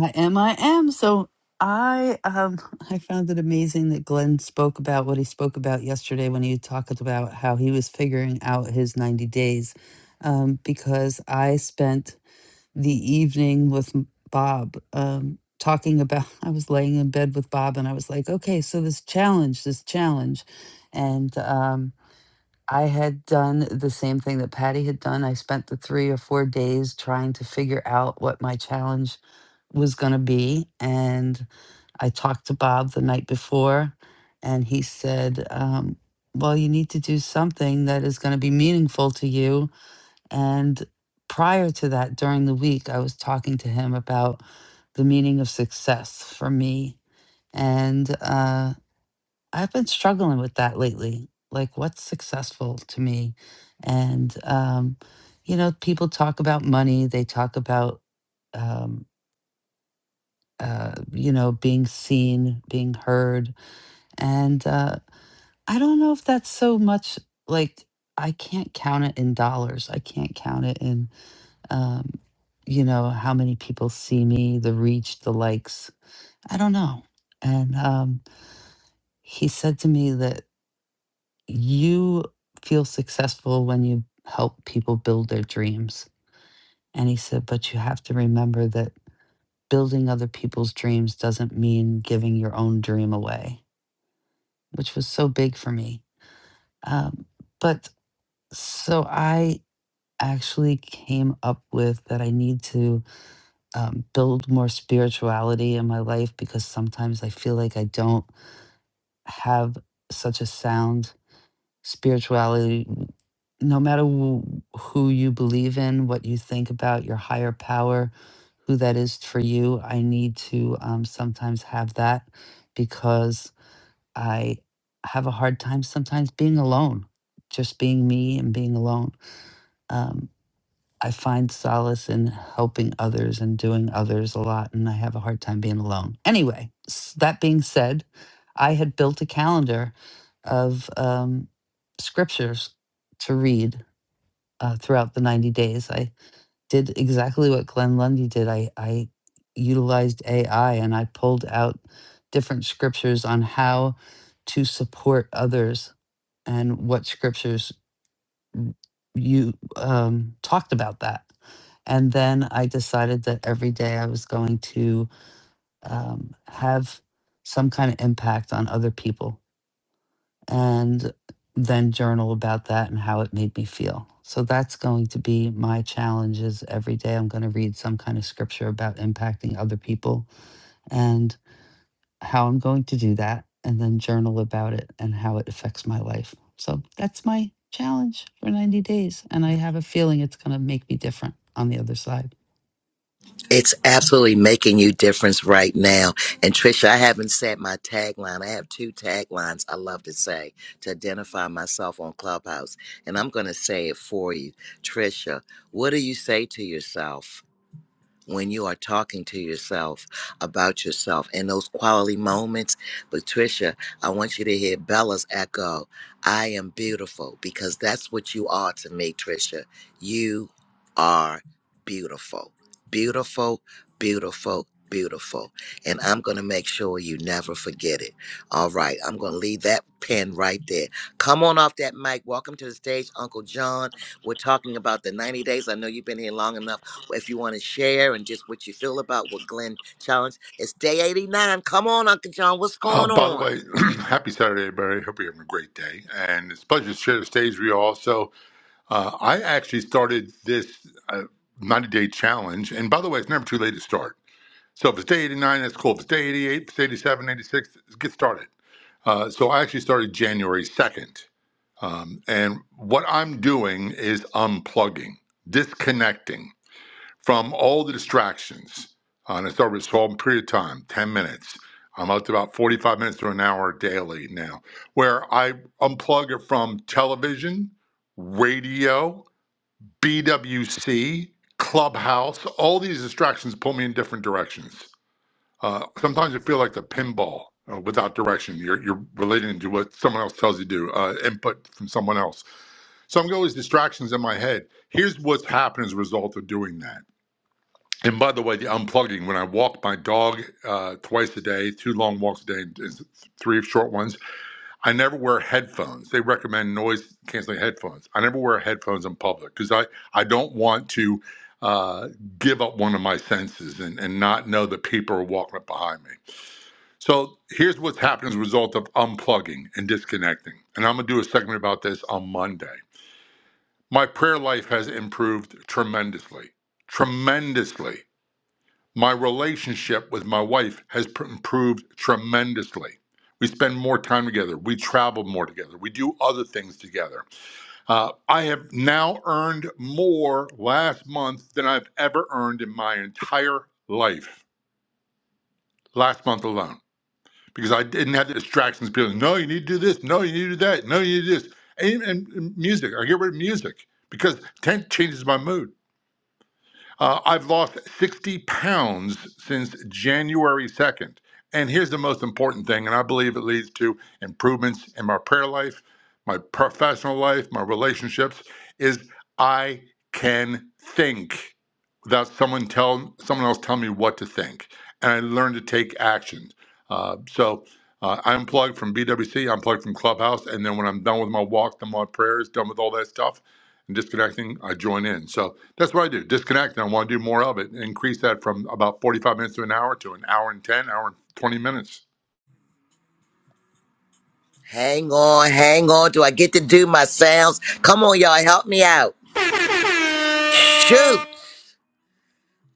Speaker 5: I am, I am. So I um I found it amazing that Glenn spoke about what he spoke about yesterday when he talked about how he was figuring out his 90 days um, because I spent the evening with m- Bob um, talking about. I was laying in bed with Bob, and I was like, "Okay, so this challenge, this challenge," and um, I had done the same thing that Patty had done. I spent the three or four days trying to figure out what my challenge was going to be, and I talked to Bob the night before, and he said. Um, well, you need to do something that is going to be meaningful to you and prior to that, during the week, I was talking to him about the meaning of success for me. And uh, I've been struggling with that lately. Like, what's successful to me? And, um, you know, people talk about money, they talk about, um, uh, you know, being seen, being heard. And uh, I don't know if that's so much like, I can't count it in dollars. I can't count it in Um, you know, how many people see me, the reach, the likes. I don't know. And um, he said to me that you feel successful when you help people build their dreams. And he said, but you have to remember that building other people's dreams doesn't mean giving your own dream away, which was so big for me. Um, but so I actually came up with that I need to um, build more spirituality in my life because sometimes I feel like I don't have such a sound spirituality. No matter wh- who you believe in, what you think about your higher power, who that is for you, I need to um, sometimes have that because I have a hard time sometimes being alone, just being me and being alone. Um, I find solace in helping others and doing others a lot, and I have a hard time being alone. Anyway, s- that being said, I had built a calendar of um, scriptures to read uh, throughout the 90 days. I did exactly what Glenn Lundy did. I, I utilized AI and I pulled out different scriptures on how to support others and what scriptures w- you um, talked about that. And then I decided that every day I was going to um, have some kind of impact on other people and then journal about that and how it made me feel. So that's going to be my challenge is every day I'm going to read some kind of scripture about impacting other people. and how I'm going to do that and then journal about it and how it affects my life. So that's my challenge for 90 days. And I have a feeling it's going to make me different on the other side.
Speaker 1: It's absolutely making you difference right now. And Trisha, I haven't said my tagline. I have two taglines I love to say to identify myself on Clubhouse. And I'm going to say it for you. Trisha, what do you say to yourself? when you are talking to yourself about yourself and those quality moments. Patricia, I want you to hear Bella's echo I am beautiful because that's what you are to me, Tricia. You are beautiful. Beautiful, beautiful, beautiful. And I'm going to make sure you never forget it. All right. I'm going to leave that pen right there. Come on off that mic. Welcome to the stage, Uncle John. We're talking about the 90 days. I know you've been here long enough. If you want to share and just what you feel about what Glenn challenged, it's day 89. Come on, Uncle John, what's
Speaker 7: Uh,
Speaker 1: going
Speaker 7: by the
Speaker 1: on?
Speaker 7: way, happy Saturday, everybody. Hope you're having a great day. And it's a pleasure to share the stage with you also. Uh, I actually started this uh, 90 day challenge. And by the way, it's never too late to start. So if it's day 89, that's cool. If it's day 88, if it's 87, 86, get started. Uh, so I actually started January 2nd. Um, and what I'm doing is unplugging, disconnecting from all the distractions. Uh, and it's over a small period of time, 10 minutes. I'm up to about 45 minutes to an hour daily now, where I unplug it from television, radio, BWC, clubhouse. All these distractions pull me in different directions. Uh, sometimes you feel like the pinball uh, without direction. You're, you're relating to what someone else tells you to do, uh, input from someone else. So I'm got all these distractions in my head. Here's what's happened as a result of doing that and by the way, the unplugging, when I walk my dog uh, twice a day, two long walks a day, and and three short ones, I never wear headphones. They recommend noise canceling headphones. I never wear headphones in public because I, I don't want to uh, give up one of my senses and, and not know that people are walking up behind me. So here's what's happened as a result of unplugging and disconnecting. And I'm going to do a segment about this on Monday. My prayer life has improved tremendously, tremendously my relationship with my wife has pr- improved tremendously. We spend more time together. We travel more together. We do other things together. Uh, I have now earned more last month than I've ever earned in my entire life, last month alone, because I didn't have the distractions. People, no, you need to do this. No, you need to do that. No, you need to do this. And, and music, I get rid of music because 10 changes my mood. Uh, I've lost 60 pounds since January 2nd. And here's the most important thing, and I believe it leads to improvements in my prayer life, my professional life, my relationships, is I can think without someone tell someone else telling me what to think. And I learned to take action. Uh, so uh, I unplugged from BWC, I unplugged from Clubhouse, and then when I'm done with my walk, done with my prayers, done with all that stuff, and disconnecting, I join in. So that's what I do. Disconnect, and I want to do more of it. Increase that from about 45 minutes to an hour to an hour and 10, hour and 20 minutes.
Speaker 1: Hang on, hang on. Do I get to do my sounds? Come on, y'all, help me out. Shoot.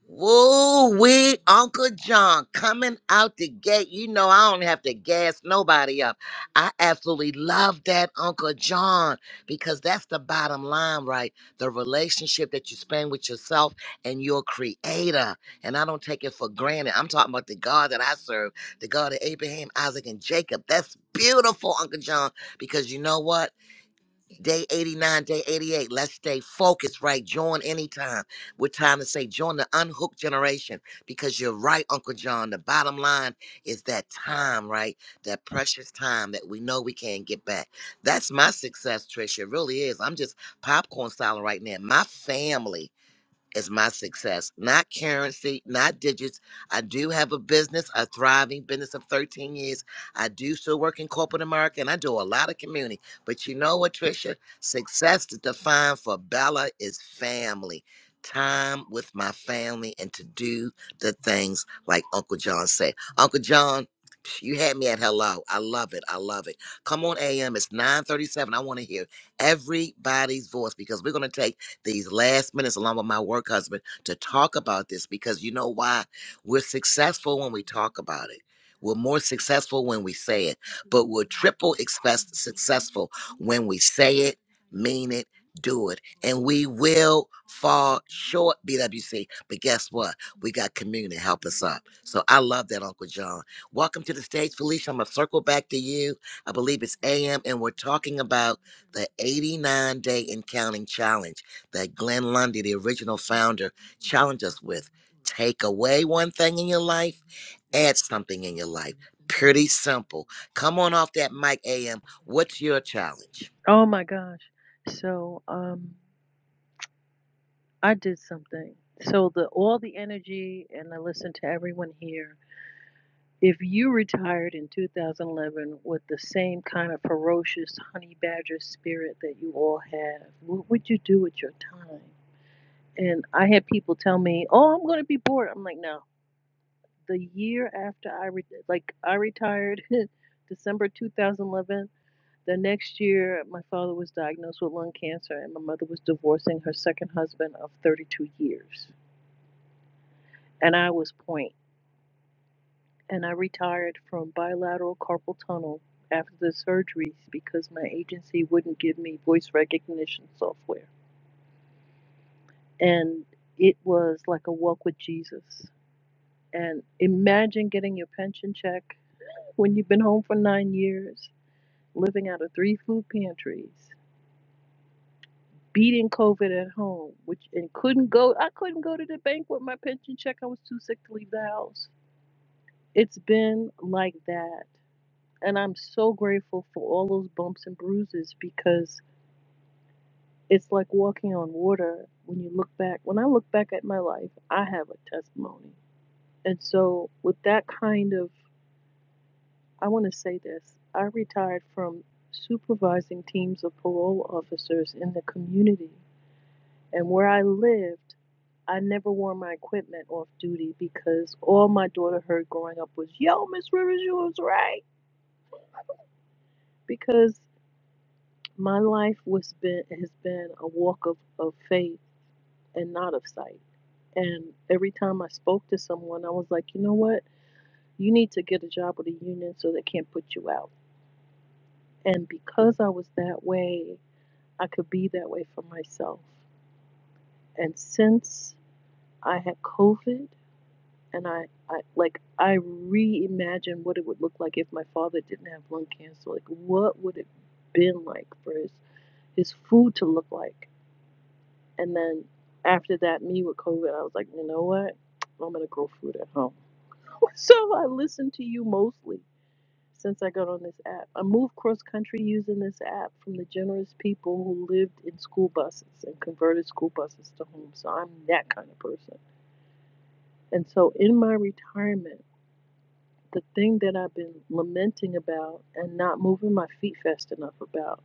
Speaker 1: Woo wee, Uncle John coming out the gate. You know, I don't have to gas nobody up. I absolutely love that, Uncle John, because that's the bottom line, right? The relationship that you spend with yourself and your creator. And I don't take it for granted. I'm talking about the God that I serve, the God of Abraham, Isaac, and Jacob. That's beautiful, Uncle John, because you know what? Day 89, day 88. Let's stay focused, right? Join anytime. We're time to say join the unhooked generation because you're right, Uncle John. The bottom line is that time, right? That precious time that we know we can't get back. That's my success, Tricia. It really is. I'm just popcorn style right now. My family is my success, not currency, not digits. I do have a business, a thriving business of 13 years. I do still work in corporate America and I do a lot of community. But you know what, Tricia? Success is defined for Bella is family. Time with my family and to do the things like Uncle John said. Uncle John, you had me at hello. I love it. I love it. Come on, AM. It's 937. I want to hear everybody's voice because we're going to take these last minutes along with my work husband to talk about this because you know why? We're successful when we talk about it. We're more successful when we say it, but we're triple express- successful when we say it, mean it, do it. And we will fall short, BWC. But guess what? We got community to help us up. So I love that, Uncle John. Welcome to the stage, Felicia. I'm going to circle back to you. I believe it's AM, and we're talking about the 89 day and counting challenge that Glenn Lundy, the original founder, challenged us with. Take away one thing in your life, add something in your life. Pretty simple. Come on off that mic, AM. What's your challenge?
Speaker 6: Oh my gosh. So um, I did something. So the all the energy, and I listened to everyone here If you retired in 2011 with the same kind of ferocious honey badger spirit that you all have, what would you do with your time? And I had people tell me, "Oh, I'm going to be bored." I'm like, "No." The year after I re- like I retired, December 2011. The next year, my father was diagnosed with lung cancer, and my mother was divorcing her second husband of 32 years, and I was zero point 0.8 and I retired from bilateral carpal tunnel after the surgeries because my agency wouldn't give me voice recognition software. And it was like a walk with Jesus. And imagine getting your pension check when you've been home for nine years, living out of three food pantries, beating COVID at home, which and couldn't go I couldn't go to the bank with my pension check. I was too sick to leave the house. It's been like that And I'm so grateful for all those bumps and bruises because it's like walking on water when you look back. When I look back at my life, I have a testimony. And so, with that kind of, I want to say this I retired from supervising teams of parole officers in the community. And where I lived, I never wore my equipment off duty because all my daughter heard growing up was, Yo, Miss Rivers, you was right. Because my life was been has been a walk of, of faith and not of sight. And every time I spoke to someone, I was like, you know what? You need to get a job with a union so they can't put you out. And because I was that way, I could be that way for myself. And since I had COVID and I, I like I reimagined what it would look like if my father didn't have lung cancer. Like what would it been like for his, his food to look like? And then after that, me with COVID, I was like, you know what? I'm gonna grow food at home. So I listen to you mostly since I got on this app. I moved cross country using this app from the generous people who lived in school buses and converted school buses to homes. So I'm that kind of person. And so in my retirement, the thing that I've been lamenting about and not moving my feet fast enough about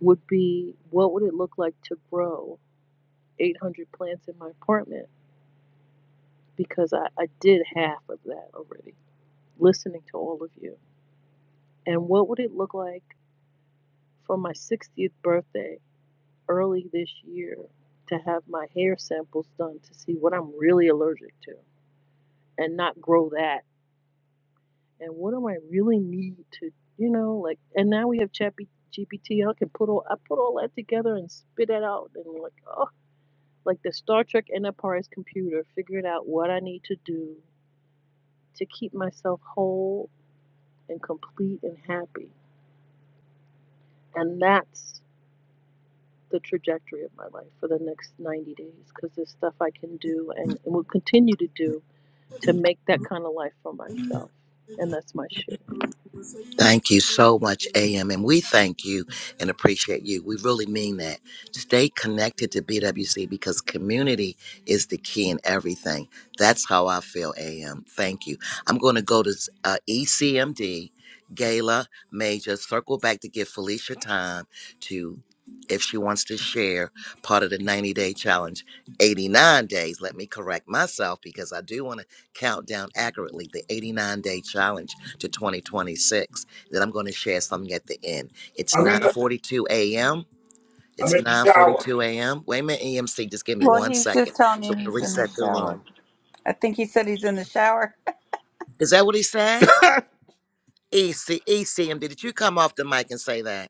Speaker 6: would be what would it look like to grow 800 plants in my apartment because I, I did half of that already, listening to all of you. And what would it look like for my 60th birthday early this year to have my hair samples done to see what I'm really allergic to and not grow that? And what do I really need to, you know, like, and now we have Chappy GPT. I can put all, I put all that together and spit it out and like, oh, like the Star Trek Enterprise computer, figuring out what I need to do to keep myself whole and complete and happy. And that's the trajectory of my life for the next 90 days because there's stuff I can do and, and will continue to do to make that kind of life for myself. And that's my share.
Speaker 1: Thank you so much, AM. And we thank you and appreciate you. We really mean that. Stay connected to BWC because community is the key in everything. That's how I feel, AM. Thank you. I'm going to go to uh, ECMD, Gala Major, circle back to give Felicia time to, if she wants to share part of the 90 day challenge, 89 days. Let me correct myself because I do want to count down accurately the 89 day challenge to 2026 that I'm going to share something at the end. It's
Speaker 8: I'm in the
Speaker 1: 9:42 a.m.
Speaker 8: I'm
Speaker 1: It's
Speaker 8: in the shower.
Speaker 1: 9:42 a.m. Wait a minute, EMC, just give me
Speaker 4: Well,
Speaker 1: one
Speaker 4: he's
Speaker 1: second.
Speaker 4: just telling
Speaker 1: So
Speaker 4: you
Speaker 1: I'm gonna
Speaker 4: he's in the
Speaker 1: reset the
Speaker 4: shower.
Speaker 1: room.
Speaker 4: I think he said he's in the shower.
Speaker 1: Is that what he said? EC, ECMD, did you come off the mic and say that?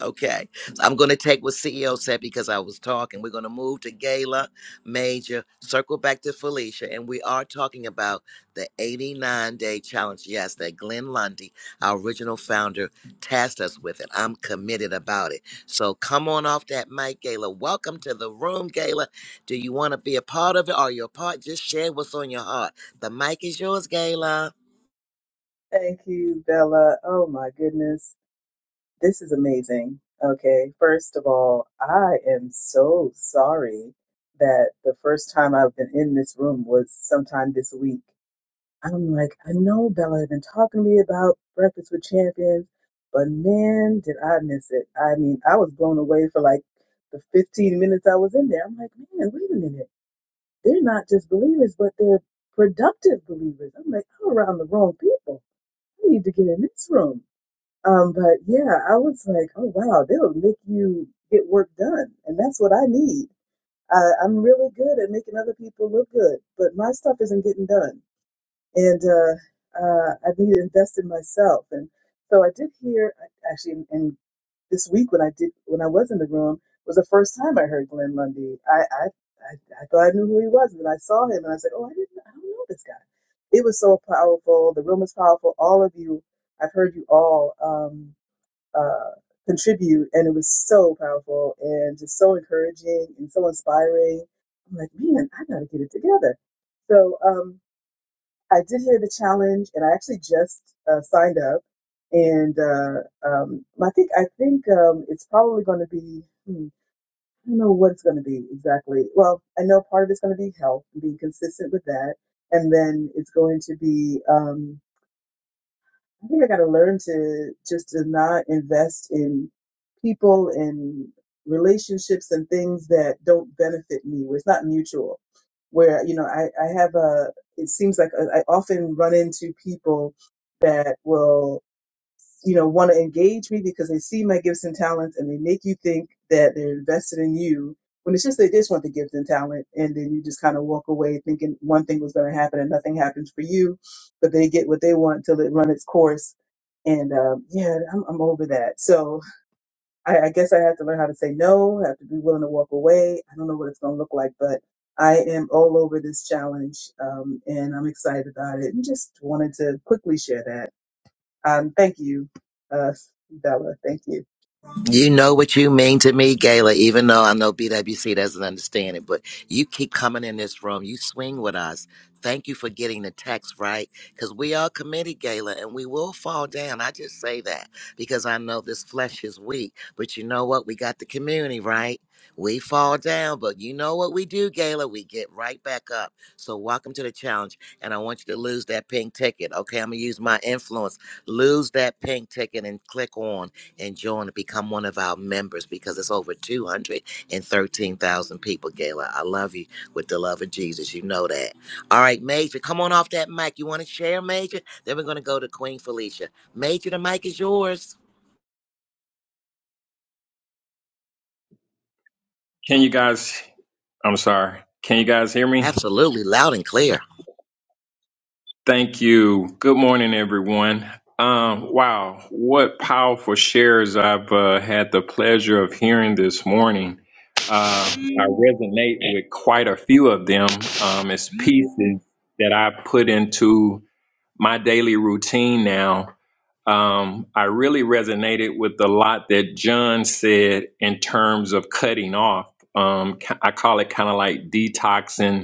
Speaker 1: Okay. So I'm going to take what CEO said because I was talking. We're going to move to Gala Major, circle back to Felicia, and we are talking about the 89 day challenge. Yes, that Glenn Lundy, our original founder, tasked us with it. I'm committed about it. So come on off that mic, Gala. Welcome to the room, Gala. Do you want to be a part of it? Are you a part? Just share what's on your heart. The mic is yours, Gala.
Speaker 9: Thank you, Bella. Oh my goodness. This is amazing. Okay, first of all, I am so sorry that the first time I've been in this room was sometime this week. I'm like, I know Bella had been talking to me about Breakfast with Champions, but man, did I miss it. I mean, I was blown away for like the 15 minutes I was in there. I'm like, man, wait a minute. They're not just believers, but they're productive believers. I'm like, I'm around the wrong people. I need to get in this room. Um, but yeah, I was like, oh wow, they'll make you get work done, and that's what I need. I, I'm really good at making other people look good, but my stuff isn't getting done, and uh, uh, I need to invest in myself. And so I did hear actually, and this week when I did when I was in the room was the first time I heard Glenn Lundy. I I, I, I thought I knew who he was, and then I saw him, and I said, oh, I didn't, I don't know this guy. It was so powerful. The room is powerful. All of you, I've heard you all. Um, uh, contribute, and it was so powerful and just so encouraging and so inspiring. I'm like, man, I gotta get it together. So um, I did hear the challenge, and I actually just uh, signed up. And uh, um, I think I think um, it's probably going to be. Hmm, I don't know what it's going to be exactly. Well, I know part of it's going to be health and being consistent with that, and then it's going to be. Um, I think I got to learn to just to not invest in people and relationships and things that don't benefit me, where it's not mutual. Where, you know, I, I have a, it seems like I, I often run into people that will you know, want to engage me because they see my gifts and talents and they make you think that they're invested in you when it's just they just want the gift and talent. And then you just kind of walk away thinking one thing was going to happen and nothing happens for you, but they get what they want till it run its course. And um, yeah, I'm, I'm over that. So I, I guess I have to learn how to say no, I have to be willing to walk away. I don't know what it's going to look like, but I am all over this challenge um, and I'm excited about it and just wanted to quickly share that. Um, thank you, uh, Bella. Thank you.
Speaker 1: You know what you mean to me, Gayla, even though I know BWC doesn't understand it, but you keep coming in this room. You swing with us. Thank you for getting the text right because we are committed, Gayla, and we will fall down. I just say that because I know this flesh is weak, but you know what? We got the community, right? We fall down, but you know what we do, Gayla? We get right back up. So, welcome to the challenge. And I want you to lose that pink ticket. Okay, I'm going to use my influence. Lose that pink ticket and click on and join and become one of our members because it's over 213,000 people, Gayla. I love you with the love of Jesus. You know that. All right, Major, come on off that mic. You want to share, Major? Then we're going to go to Queen Felicia. Major, the mic is yours.
Speaker 10: Can you guys? I'm sorry. Can you guys hear me?
Speaker 1: Absolutely, loud and clear.
Speaker 10: Thank you. Good morning, everyone. Um, wow, what powerful shares I've uh, had the pleasure of hearing this morning. Uh, I resonate with quite a few of them. Um, it's pieces that I put into my daily routine now. Um, I really resonated with a lot that John said in terms of cutting off. Um, ca- I call it kind of like detoxing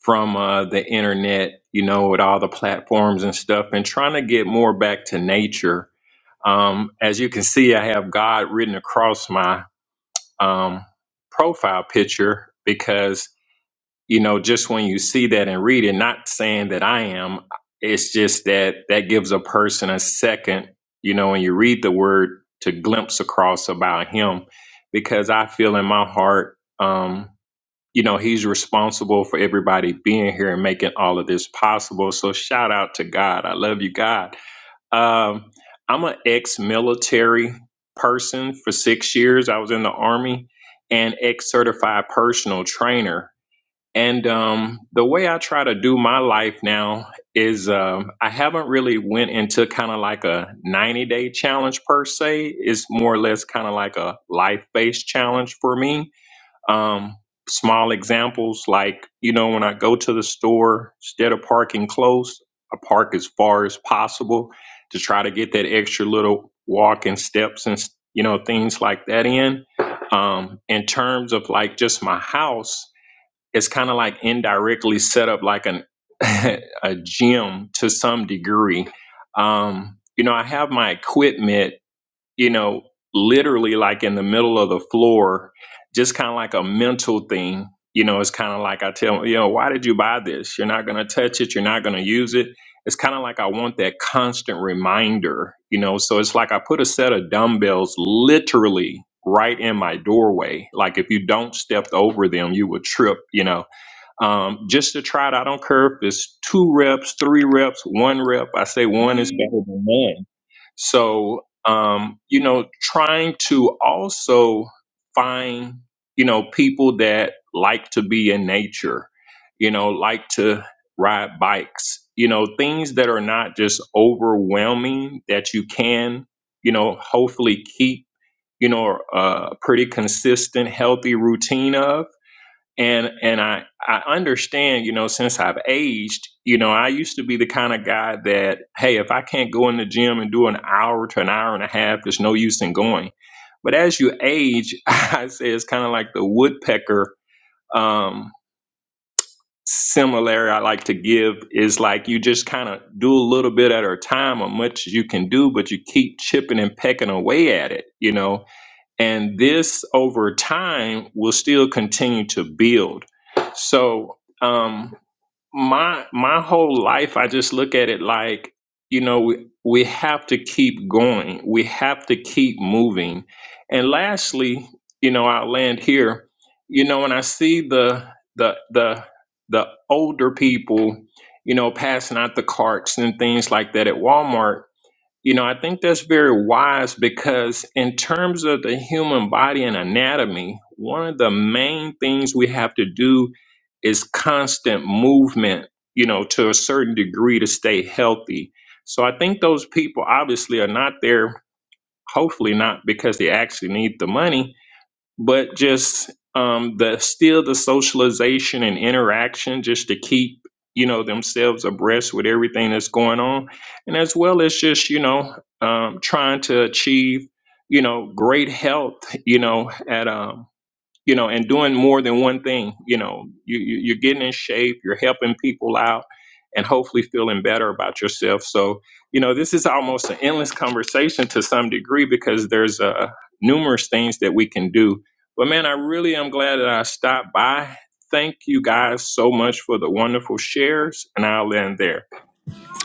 Speaker 10: from uh, the internet, you know, with all the platforms and stuff, and trying to get more back to nature. Um, as you can see, I have God written across my um, profile picture because, you know, just when you see that and read it, not saying that I am, it's just that that gives a person a second, you know, when you read the word to glimpse across about Him because I feel in my heart. Um, you know, he's responsible for everybody being here and making all of this possible. So shout out to God. I love you, God. Um, I'm an ex-military person for six years. I was in the army and ex-certified personal trainer. And um, the way I try to do my life now is um, I haven't really went into kind of like a 90 day challenge per se. It's more or less kind of like a life based challenge for me um, small examples like, you know, when I go to the store, instead of parking close, I park as far as possible to try to get that extra little walk and steps and, you know, things like that in. Um, in terms of like just my house, it's kind of like indirectly set up like an a gym to some degree. Um, you know, I have my equipment you know, literally like in the middle of the floor, just kind of like a mental thing. You know, it's kind of like I tell 'em, you know, why did you buy this? You're not going to touch it. You're not going to use it. It's kind of like I want that constant reminder, you know. So it's like I put a set of dumbbells literally right in my doorway. Like if you don't step over them, you would trip, you know um, just to try it out. I don't care if it's two reps, three reps, one rep. I say one is better than none. So, um, you know, trying to also find, you know, people that like to be in nature, you know, like to ride bikes, you know, things that are not just overwhelming that you can, you know, hopefully keep, you know, a pretty consistent, healthy routine of and and I I understand, you know, since I've aged, you know, I used to be the kind of guy that hey, if I can't go in the gym and do an hour to an hour and a half, there's no use in going. But as you age, I say it's kind of like the woodpecker um similar I like to give is like you just kind of do a little bit at a time or much as you can do, but you keep chipping and pecking away at it, you know and this over time will still continue to build. So um, my my whole life, I just look at it like, you know, we, we have to keep going. We have to keep moving. And lastly, you know, I'll land here. You know, when I see the the the the older people, you know, passing out the carts and things like that at Walmart, you know, I think that's very wise because, in terms of the human body and anatomy, one of the main things we have to do is constant movement, you know, to a certain degree to stay healthy. So I think those people obviously are not there, hopefully not because they actually need the money, but just um, the still the socialization and interaction just to keep you know themselves abreast with everything that's going on and as well as just you know um, trying to achieve you know great health you know at um, you know, and doing more than one thing. You know, you, you you're getting in shape, you're helping people out, and hopefully feeling better about yourself. So, you know, this is almost an endless conversation to some degree because there's uh, numerous things that we can do. But man, I really am glad that I stopped by. Thank you guys so much for the wonderful shares, and I'll end there.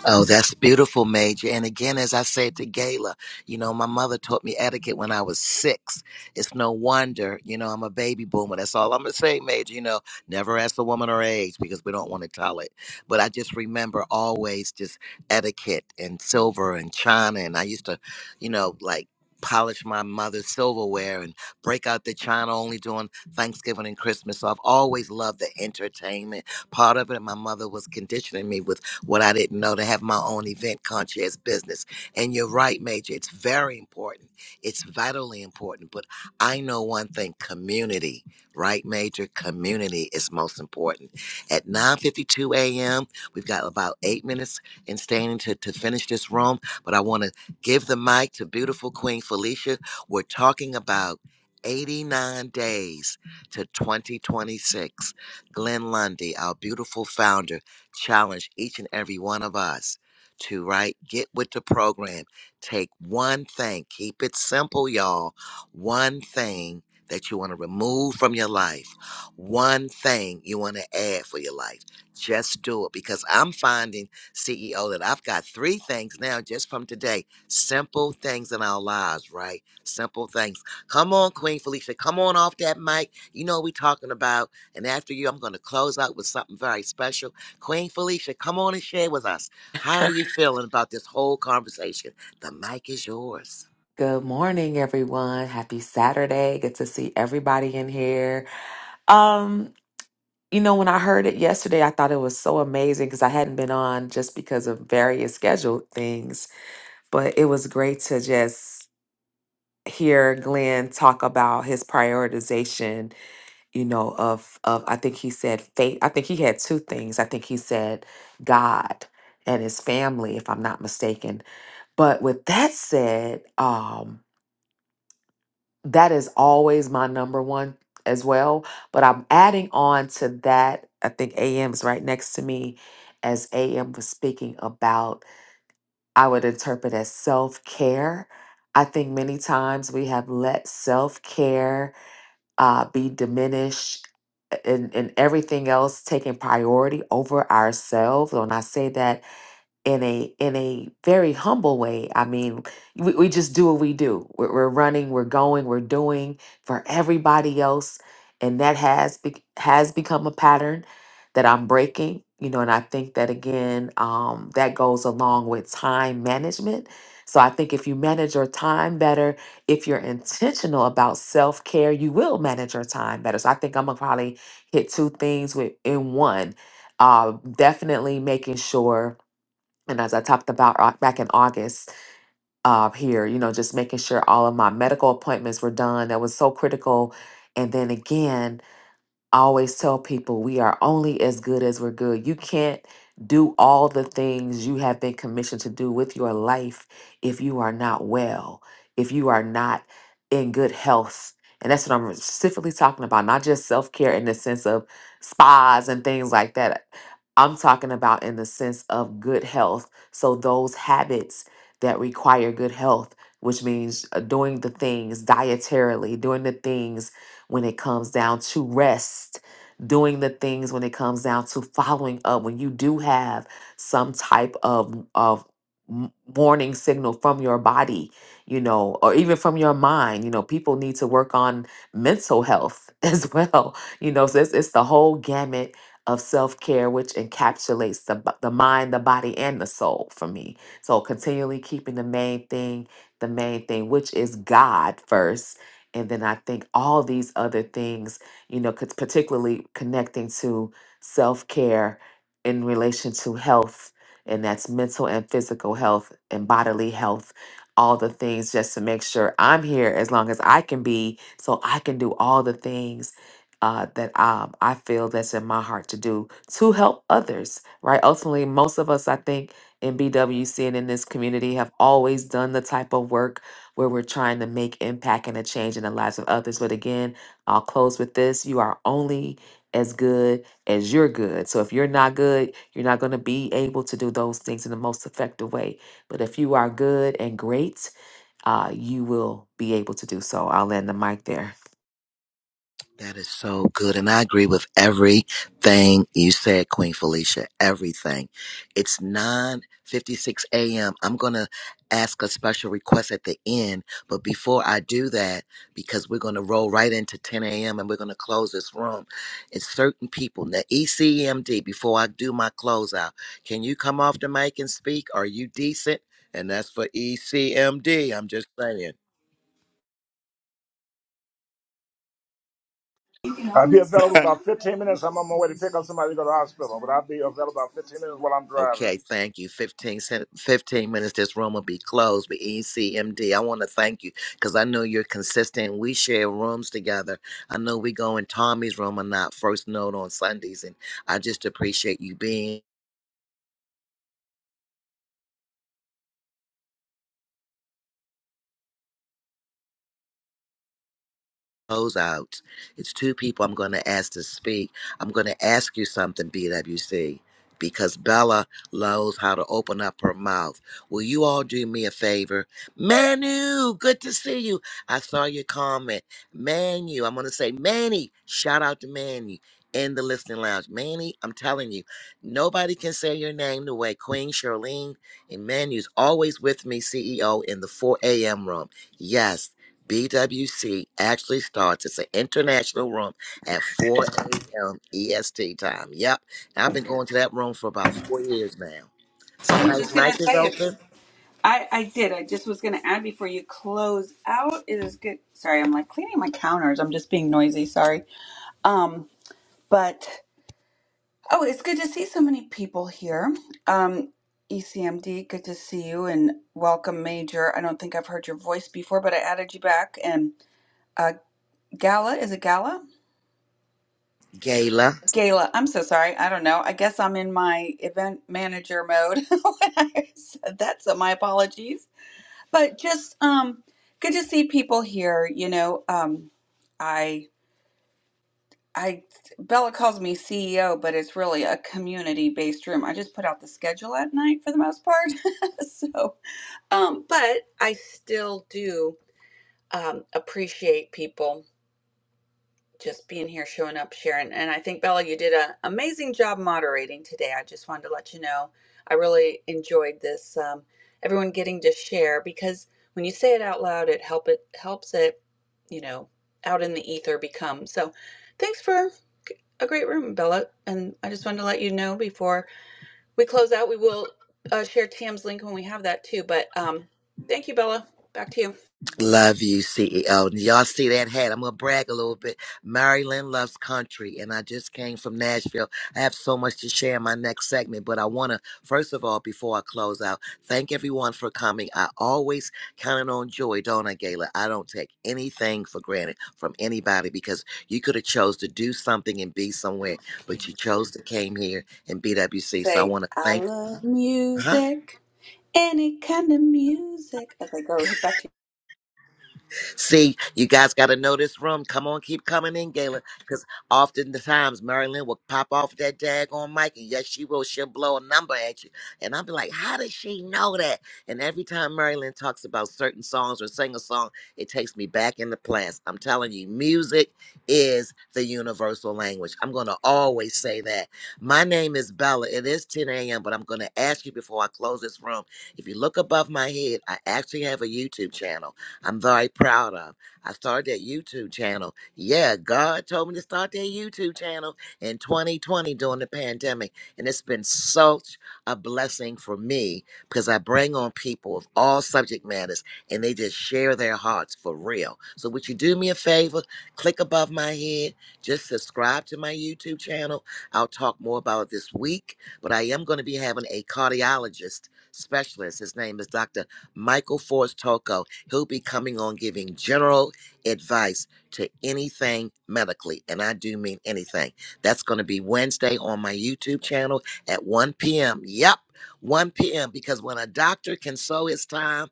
Speaker 1: Oh, that's beautiful, Major. And again, as I said to Gayla, you know, my mother taught me etiquette when I was six. It's no wonder, you know, I'm a baby boomer. That's all I'm going to say, Major. You know, never ask a woman her age because we don't want to tell it. But I just remember always just etiquette and silver and china. And I used to, you know, like, polish my mother's silverware and break out the china only during Thanksgiving and Christmas. So I've always loved the entertainment part of it. My mother was conditioning me with what I didn't know to have my own event concierge business. And you're right, Major. It's very important. It's vitally important. But I know one thing: community, right, Major? Community is most important. At 9:52 a.m., we've got about eight minutes in standing to to finish this room. But I want to give the mic to beautiful Queen Felicia. We're talking about 89 days to 2026. Glenn Lundy, our beautiful founder challenge each and every one of us to right get with the program take one thing keep it simple y'all one thing that you want to remove from your life one thing you want to add for your life just do it because i'm finding ceo that i've got three things now just from today simple things in our lives right simple things come on queen felicia come on off that mic you know what we talking about and after you, I'm going to close out with something very special. Queen Felicia, come on and share with us. How are you feeling about this whole conversation? The mic is yours.
Speaker 11: Good morning, everyone. Happy Saturday. Good to see everybody in here. Um, you know, when I heard it yesterday, I thought it was so amazing because I hadn't been on just because of various scheduled things. But it was great to just hear Glenn talk about his prioritization, you know, of of I think he said faith. I think he had two things. I think he said God and his family, if I'm not mistaken. But with that said, um, that is always my number one as well. But I'm adding on to that. I think AM is right next to me as AM was speaking about, I would interpret as self care. I think many times we have let self care uh, be diminished and, and everything else taking priority over ourselves. And I say that in a in a very humble way. I mean, we, we just do what we do. We're, we're running, we're going, we're doing for everybody else, and that has be, has become a pattern that I'm breaking. You know, and I think that again, um, that goes along with time management. So I think if you manage your time better, if you're intentional about self care, you will manage your time better. So I think I'm gonna probably hit two things with in one. Uh, definitely making sure and as I talked about au- back in August uh, here, you know, just making sure all of my medical appointments were done. That was so critical. And then again, I always tell people we are only as good as we're good. You can't do all the things you have been commissioned to do with your life if you are not well, if you are not in good health. And that's what I'm specifically talking about, not just self care in the sense of spas and things like that. I'm talking about in the sense of good health. So, those habits that require good health, which means uh, doing the things dietarily, doing the things when it comes down to rest, doing the things when it comes down to following up, when you do have some type of, of m- warning signal from your body, you know, or even from your mind, you know, people need to work on mental health as well, you know, so it's, it's the whole gamut of self-care which encapsulates the, b- the mind the body and the soul for me so continually keeping the main thing the main thing which is god first and then I think all these other things, you know, cause particularly connecting to self care in relation to health, and that's mental and physical health and bodily health, all the things just to make sure I'm here as long as I can be, so I can do all the things uh, that um, I feel that's in my heart to do to help others, right? Ultimately, most of us, I think, in BWC and in this community have always done the type of work where we're trying to make impact and a change in the lives of others. But again, I'll close with this. You are only as good as you're good. So if you're not good, you're not going to be able to do those things in the most effective way. But if you are good and great, uh, you will be able to do so. I'll end the mic there.
Speaker 1: That is so good. And I agree with everything you said, Queen Felicia. Everything. It's nine fifty-six 56 a.m. I'm going to ask a special request at the end. But before I do that, because we're going to roll right into 10 a.m. and we're going to close this room, it's certain people. Now, ECMD, before I do my closeout, can you come off the mic and speak? Are you decent? And that's for ECMD. I'm just saying.
Speaker 8: I'll be available about 15 minutes. I'm on my way to pick up somebody to go to the hospital, but I'll be available about 15 minutes while I'm driving.
Speaker 1: Okay, thank you. 15, sen- 15 minutes, this room will be closed. But E C M D. I want to thank you because I know you're consistent. We share rooms together. I know we go in Tommy's room or not, first note on Sundays. And I just appreciate you being. close out. It's two people I'm going to ask to speak. I'm going to ask you something, BWC, because Bella knows how to open up her mouth. Will you all do me a favor? Manu, good to see you. I saw your comment. Manu, I'm going to say Manny. Shout out to Manny in the listening lounge. Manny, I'm telling you, nobody can say your name the way Queen Charlene and Manu's always with me, CEO, in the 4 a.m. room. Yes. BWC actually starts. It's an international room at 4 a.m. EST time. Yep. I've been going to that room for about four years now.
Speaker 4: I was
Speaker 1: Somebody's
Speaker 4: just gonna
Speaker 1: mic is
Speaker 4: say it's.
Speaker 1: open.
Speaker 4: I I did. I just was gonna add before you close out. It is good. Sorry, I'm like cleaning my counters. I'm just being noisy. Sorry. Um, but. Oh, it's good to see so many people here. Um, ECMD, good to see you and welcome, Major. I don't think I've heard your voice before, but I added you back. And uh, Gala, is it Gala?
Speaker 1: Gayla.
Speaker 4: Gala, I'm so sorry. I don't know. I guess I'm in my event manager mode when I said that, so my apologies. But just um, good to see people here. You know, um, I Bella calls me CEO, but it's really a community based room. I just put out the schedule at night for the most part. so, um, but I still do um, appreciate people just being here, showing up, sharing. And I think, Bella, you did an amazing job moderating today. I just wanted to let you know I really enjoyed this. Um, everyone getting to share because when you say it out loud, it help it helps it, you know, out in the ether become. So, thanks for a great room, Bella. And I just wanted to let you know before we close out, we will uh, share Tam's link when we have that too. But um, thank you, Bella. Back to you.
Speaker 1: Love you, CEO. And y'all see that hat? I'm gonna brag a little bit. Maryland loves country, and I just came from Nashville. I have so much to share in my next segment, but I wanna first of all, before I close out, thank everyone for coming. I always counted on joy, don't I, Gayla? I don't take anything for granted from anybody because you could have chose to do something and be somewhere, but you chose to came here in BWC. So I
Speaker 4: Say,
Speaker 1: wanna
Speaker 4: I
Speaker 1: thank.
Speaker 4: love
Speaker 1: huh?
Speaker 4: music. Any kind of music. Okay, go back to
Speaker 1: See, you guys got to know this room. Come on, keep coming in, Gayla, because often the times Marilyn will pop off that daggone mic, and yes, she will. She'll blow a number at you, and I'll be like, "How does she know that?" And every time Marilyn talks about certain songs or sing a song, it takes me back in the past. I'm telling you, music is the universal language. I'm gonna always say that. My name is Bella. It is 10 a.m., but I'm gonna ask you before I close this room. If you look above my head, I actually have a YouTube channel. I'm very proud of. I started that YouTube channel. Yeah, God told me to start that YouTube channel in 2020 during the pandemic. And it's been such a blessing for me because I bring on people of all subject matters and they just share their hearts for real. So, would you do me a favor? Click above my head, just subscribe to my YouTube channel. I'll talk more about it this week, but I am going to be having a cardiologist specialist. His name is Dr. Michael Force Toko He'll be coming on giving general advice to anything medically, and I do mean anything. That's going to be Wednesday on my YouTube channel at 1 p.m. Yep. 1 p.m. because when a doctor can sow his time,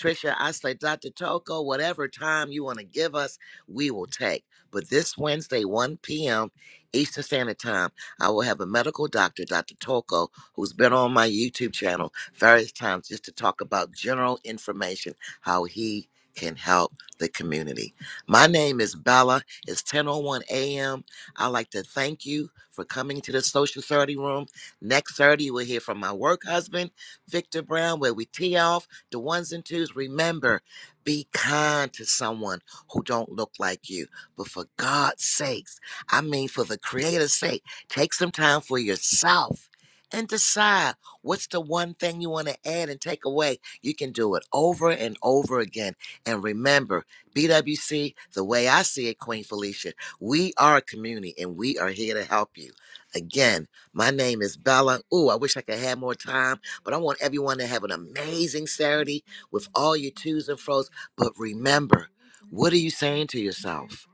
Speaker 1: Trisha, I say, Dr. Toko, whatever time you want to give us, we will take. But this Wednesday, 1 p.m. Eastern Standard Time, I will have a medical doctor, Dr. Toko, who's been on my YouTube channel various times just to talk about general information how he can help the community. My name is Bella. It's 10:01 a.m. I'd like to thank you for coming to the Social thirty Room. Next Saturday, we'll hear from my work husband, Victor Brown, where we tee off the ones and twos. Remember, be kind to someone who don't look like you. But for God's sakes, I mean for the Creator's sake, take some time for yourself and decide what's the one thing you want to add and take away you can do it over and over again. And remember, BWC, the way I see it, Queen Felicia, we are a community and we are here to help you. Again, my name is Bella. Ooh, I wish I could have more time, but I want everyone to have an amazing Saturday with all your twos and fro's. But remember, what are you saying to yourself?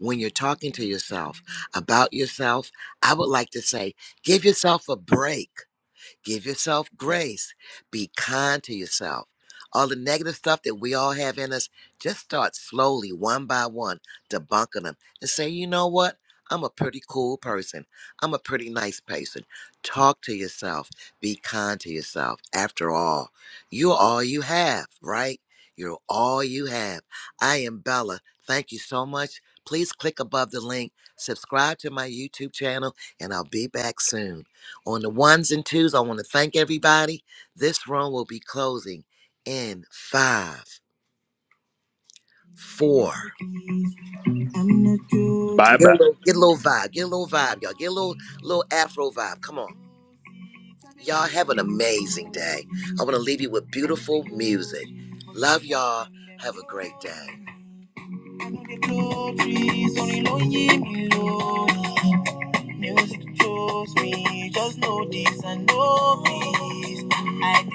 Speaker 1: When you're talking to yourself about yourself, I would like to say, give yourself a break Give yourself grace. Be kind to yourself. All the negative stuff that we all have in us, just start slowly, one by one, debunking them and say, you know what? I'm a pretty cool person. I'm a pretty nice person. Talk to yourself. Be kind to yourself. After all, you're all you have, right? You're all you have. I am Bella. Thank you so much. Please click above the link, subscribe to my YouTube channel, and I'll be back soon. On the ones and twos, I want to thank everybody. This room will be closing in five, four.
Speaker 3: bye
Speaker 1: Get a
Speaker 3: bye.
Speaker 1: little, get a little vibe. Get a little vibe, y'all. Get a little, little Afro vibe. Come on. Y'all have an amazing day. I want to leave you with beautiful music. Love y'all. Have a great day. Music chose me, just know this and know this. I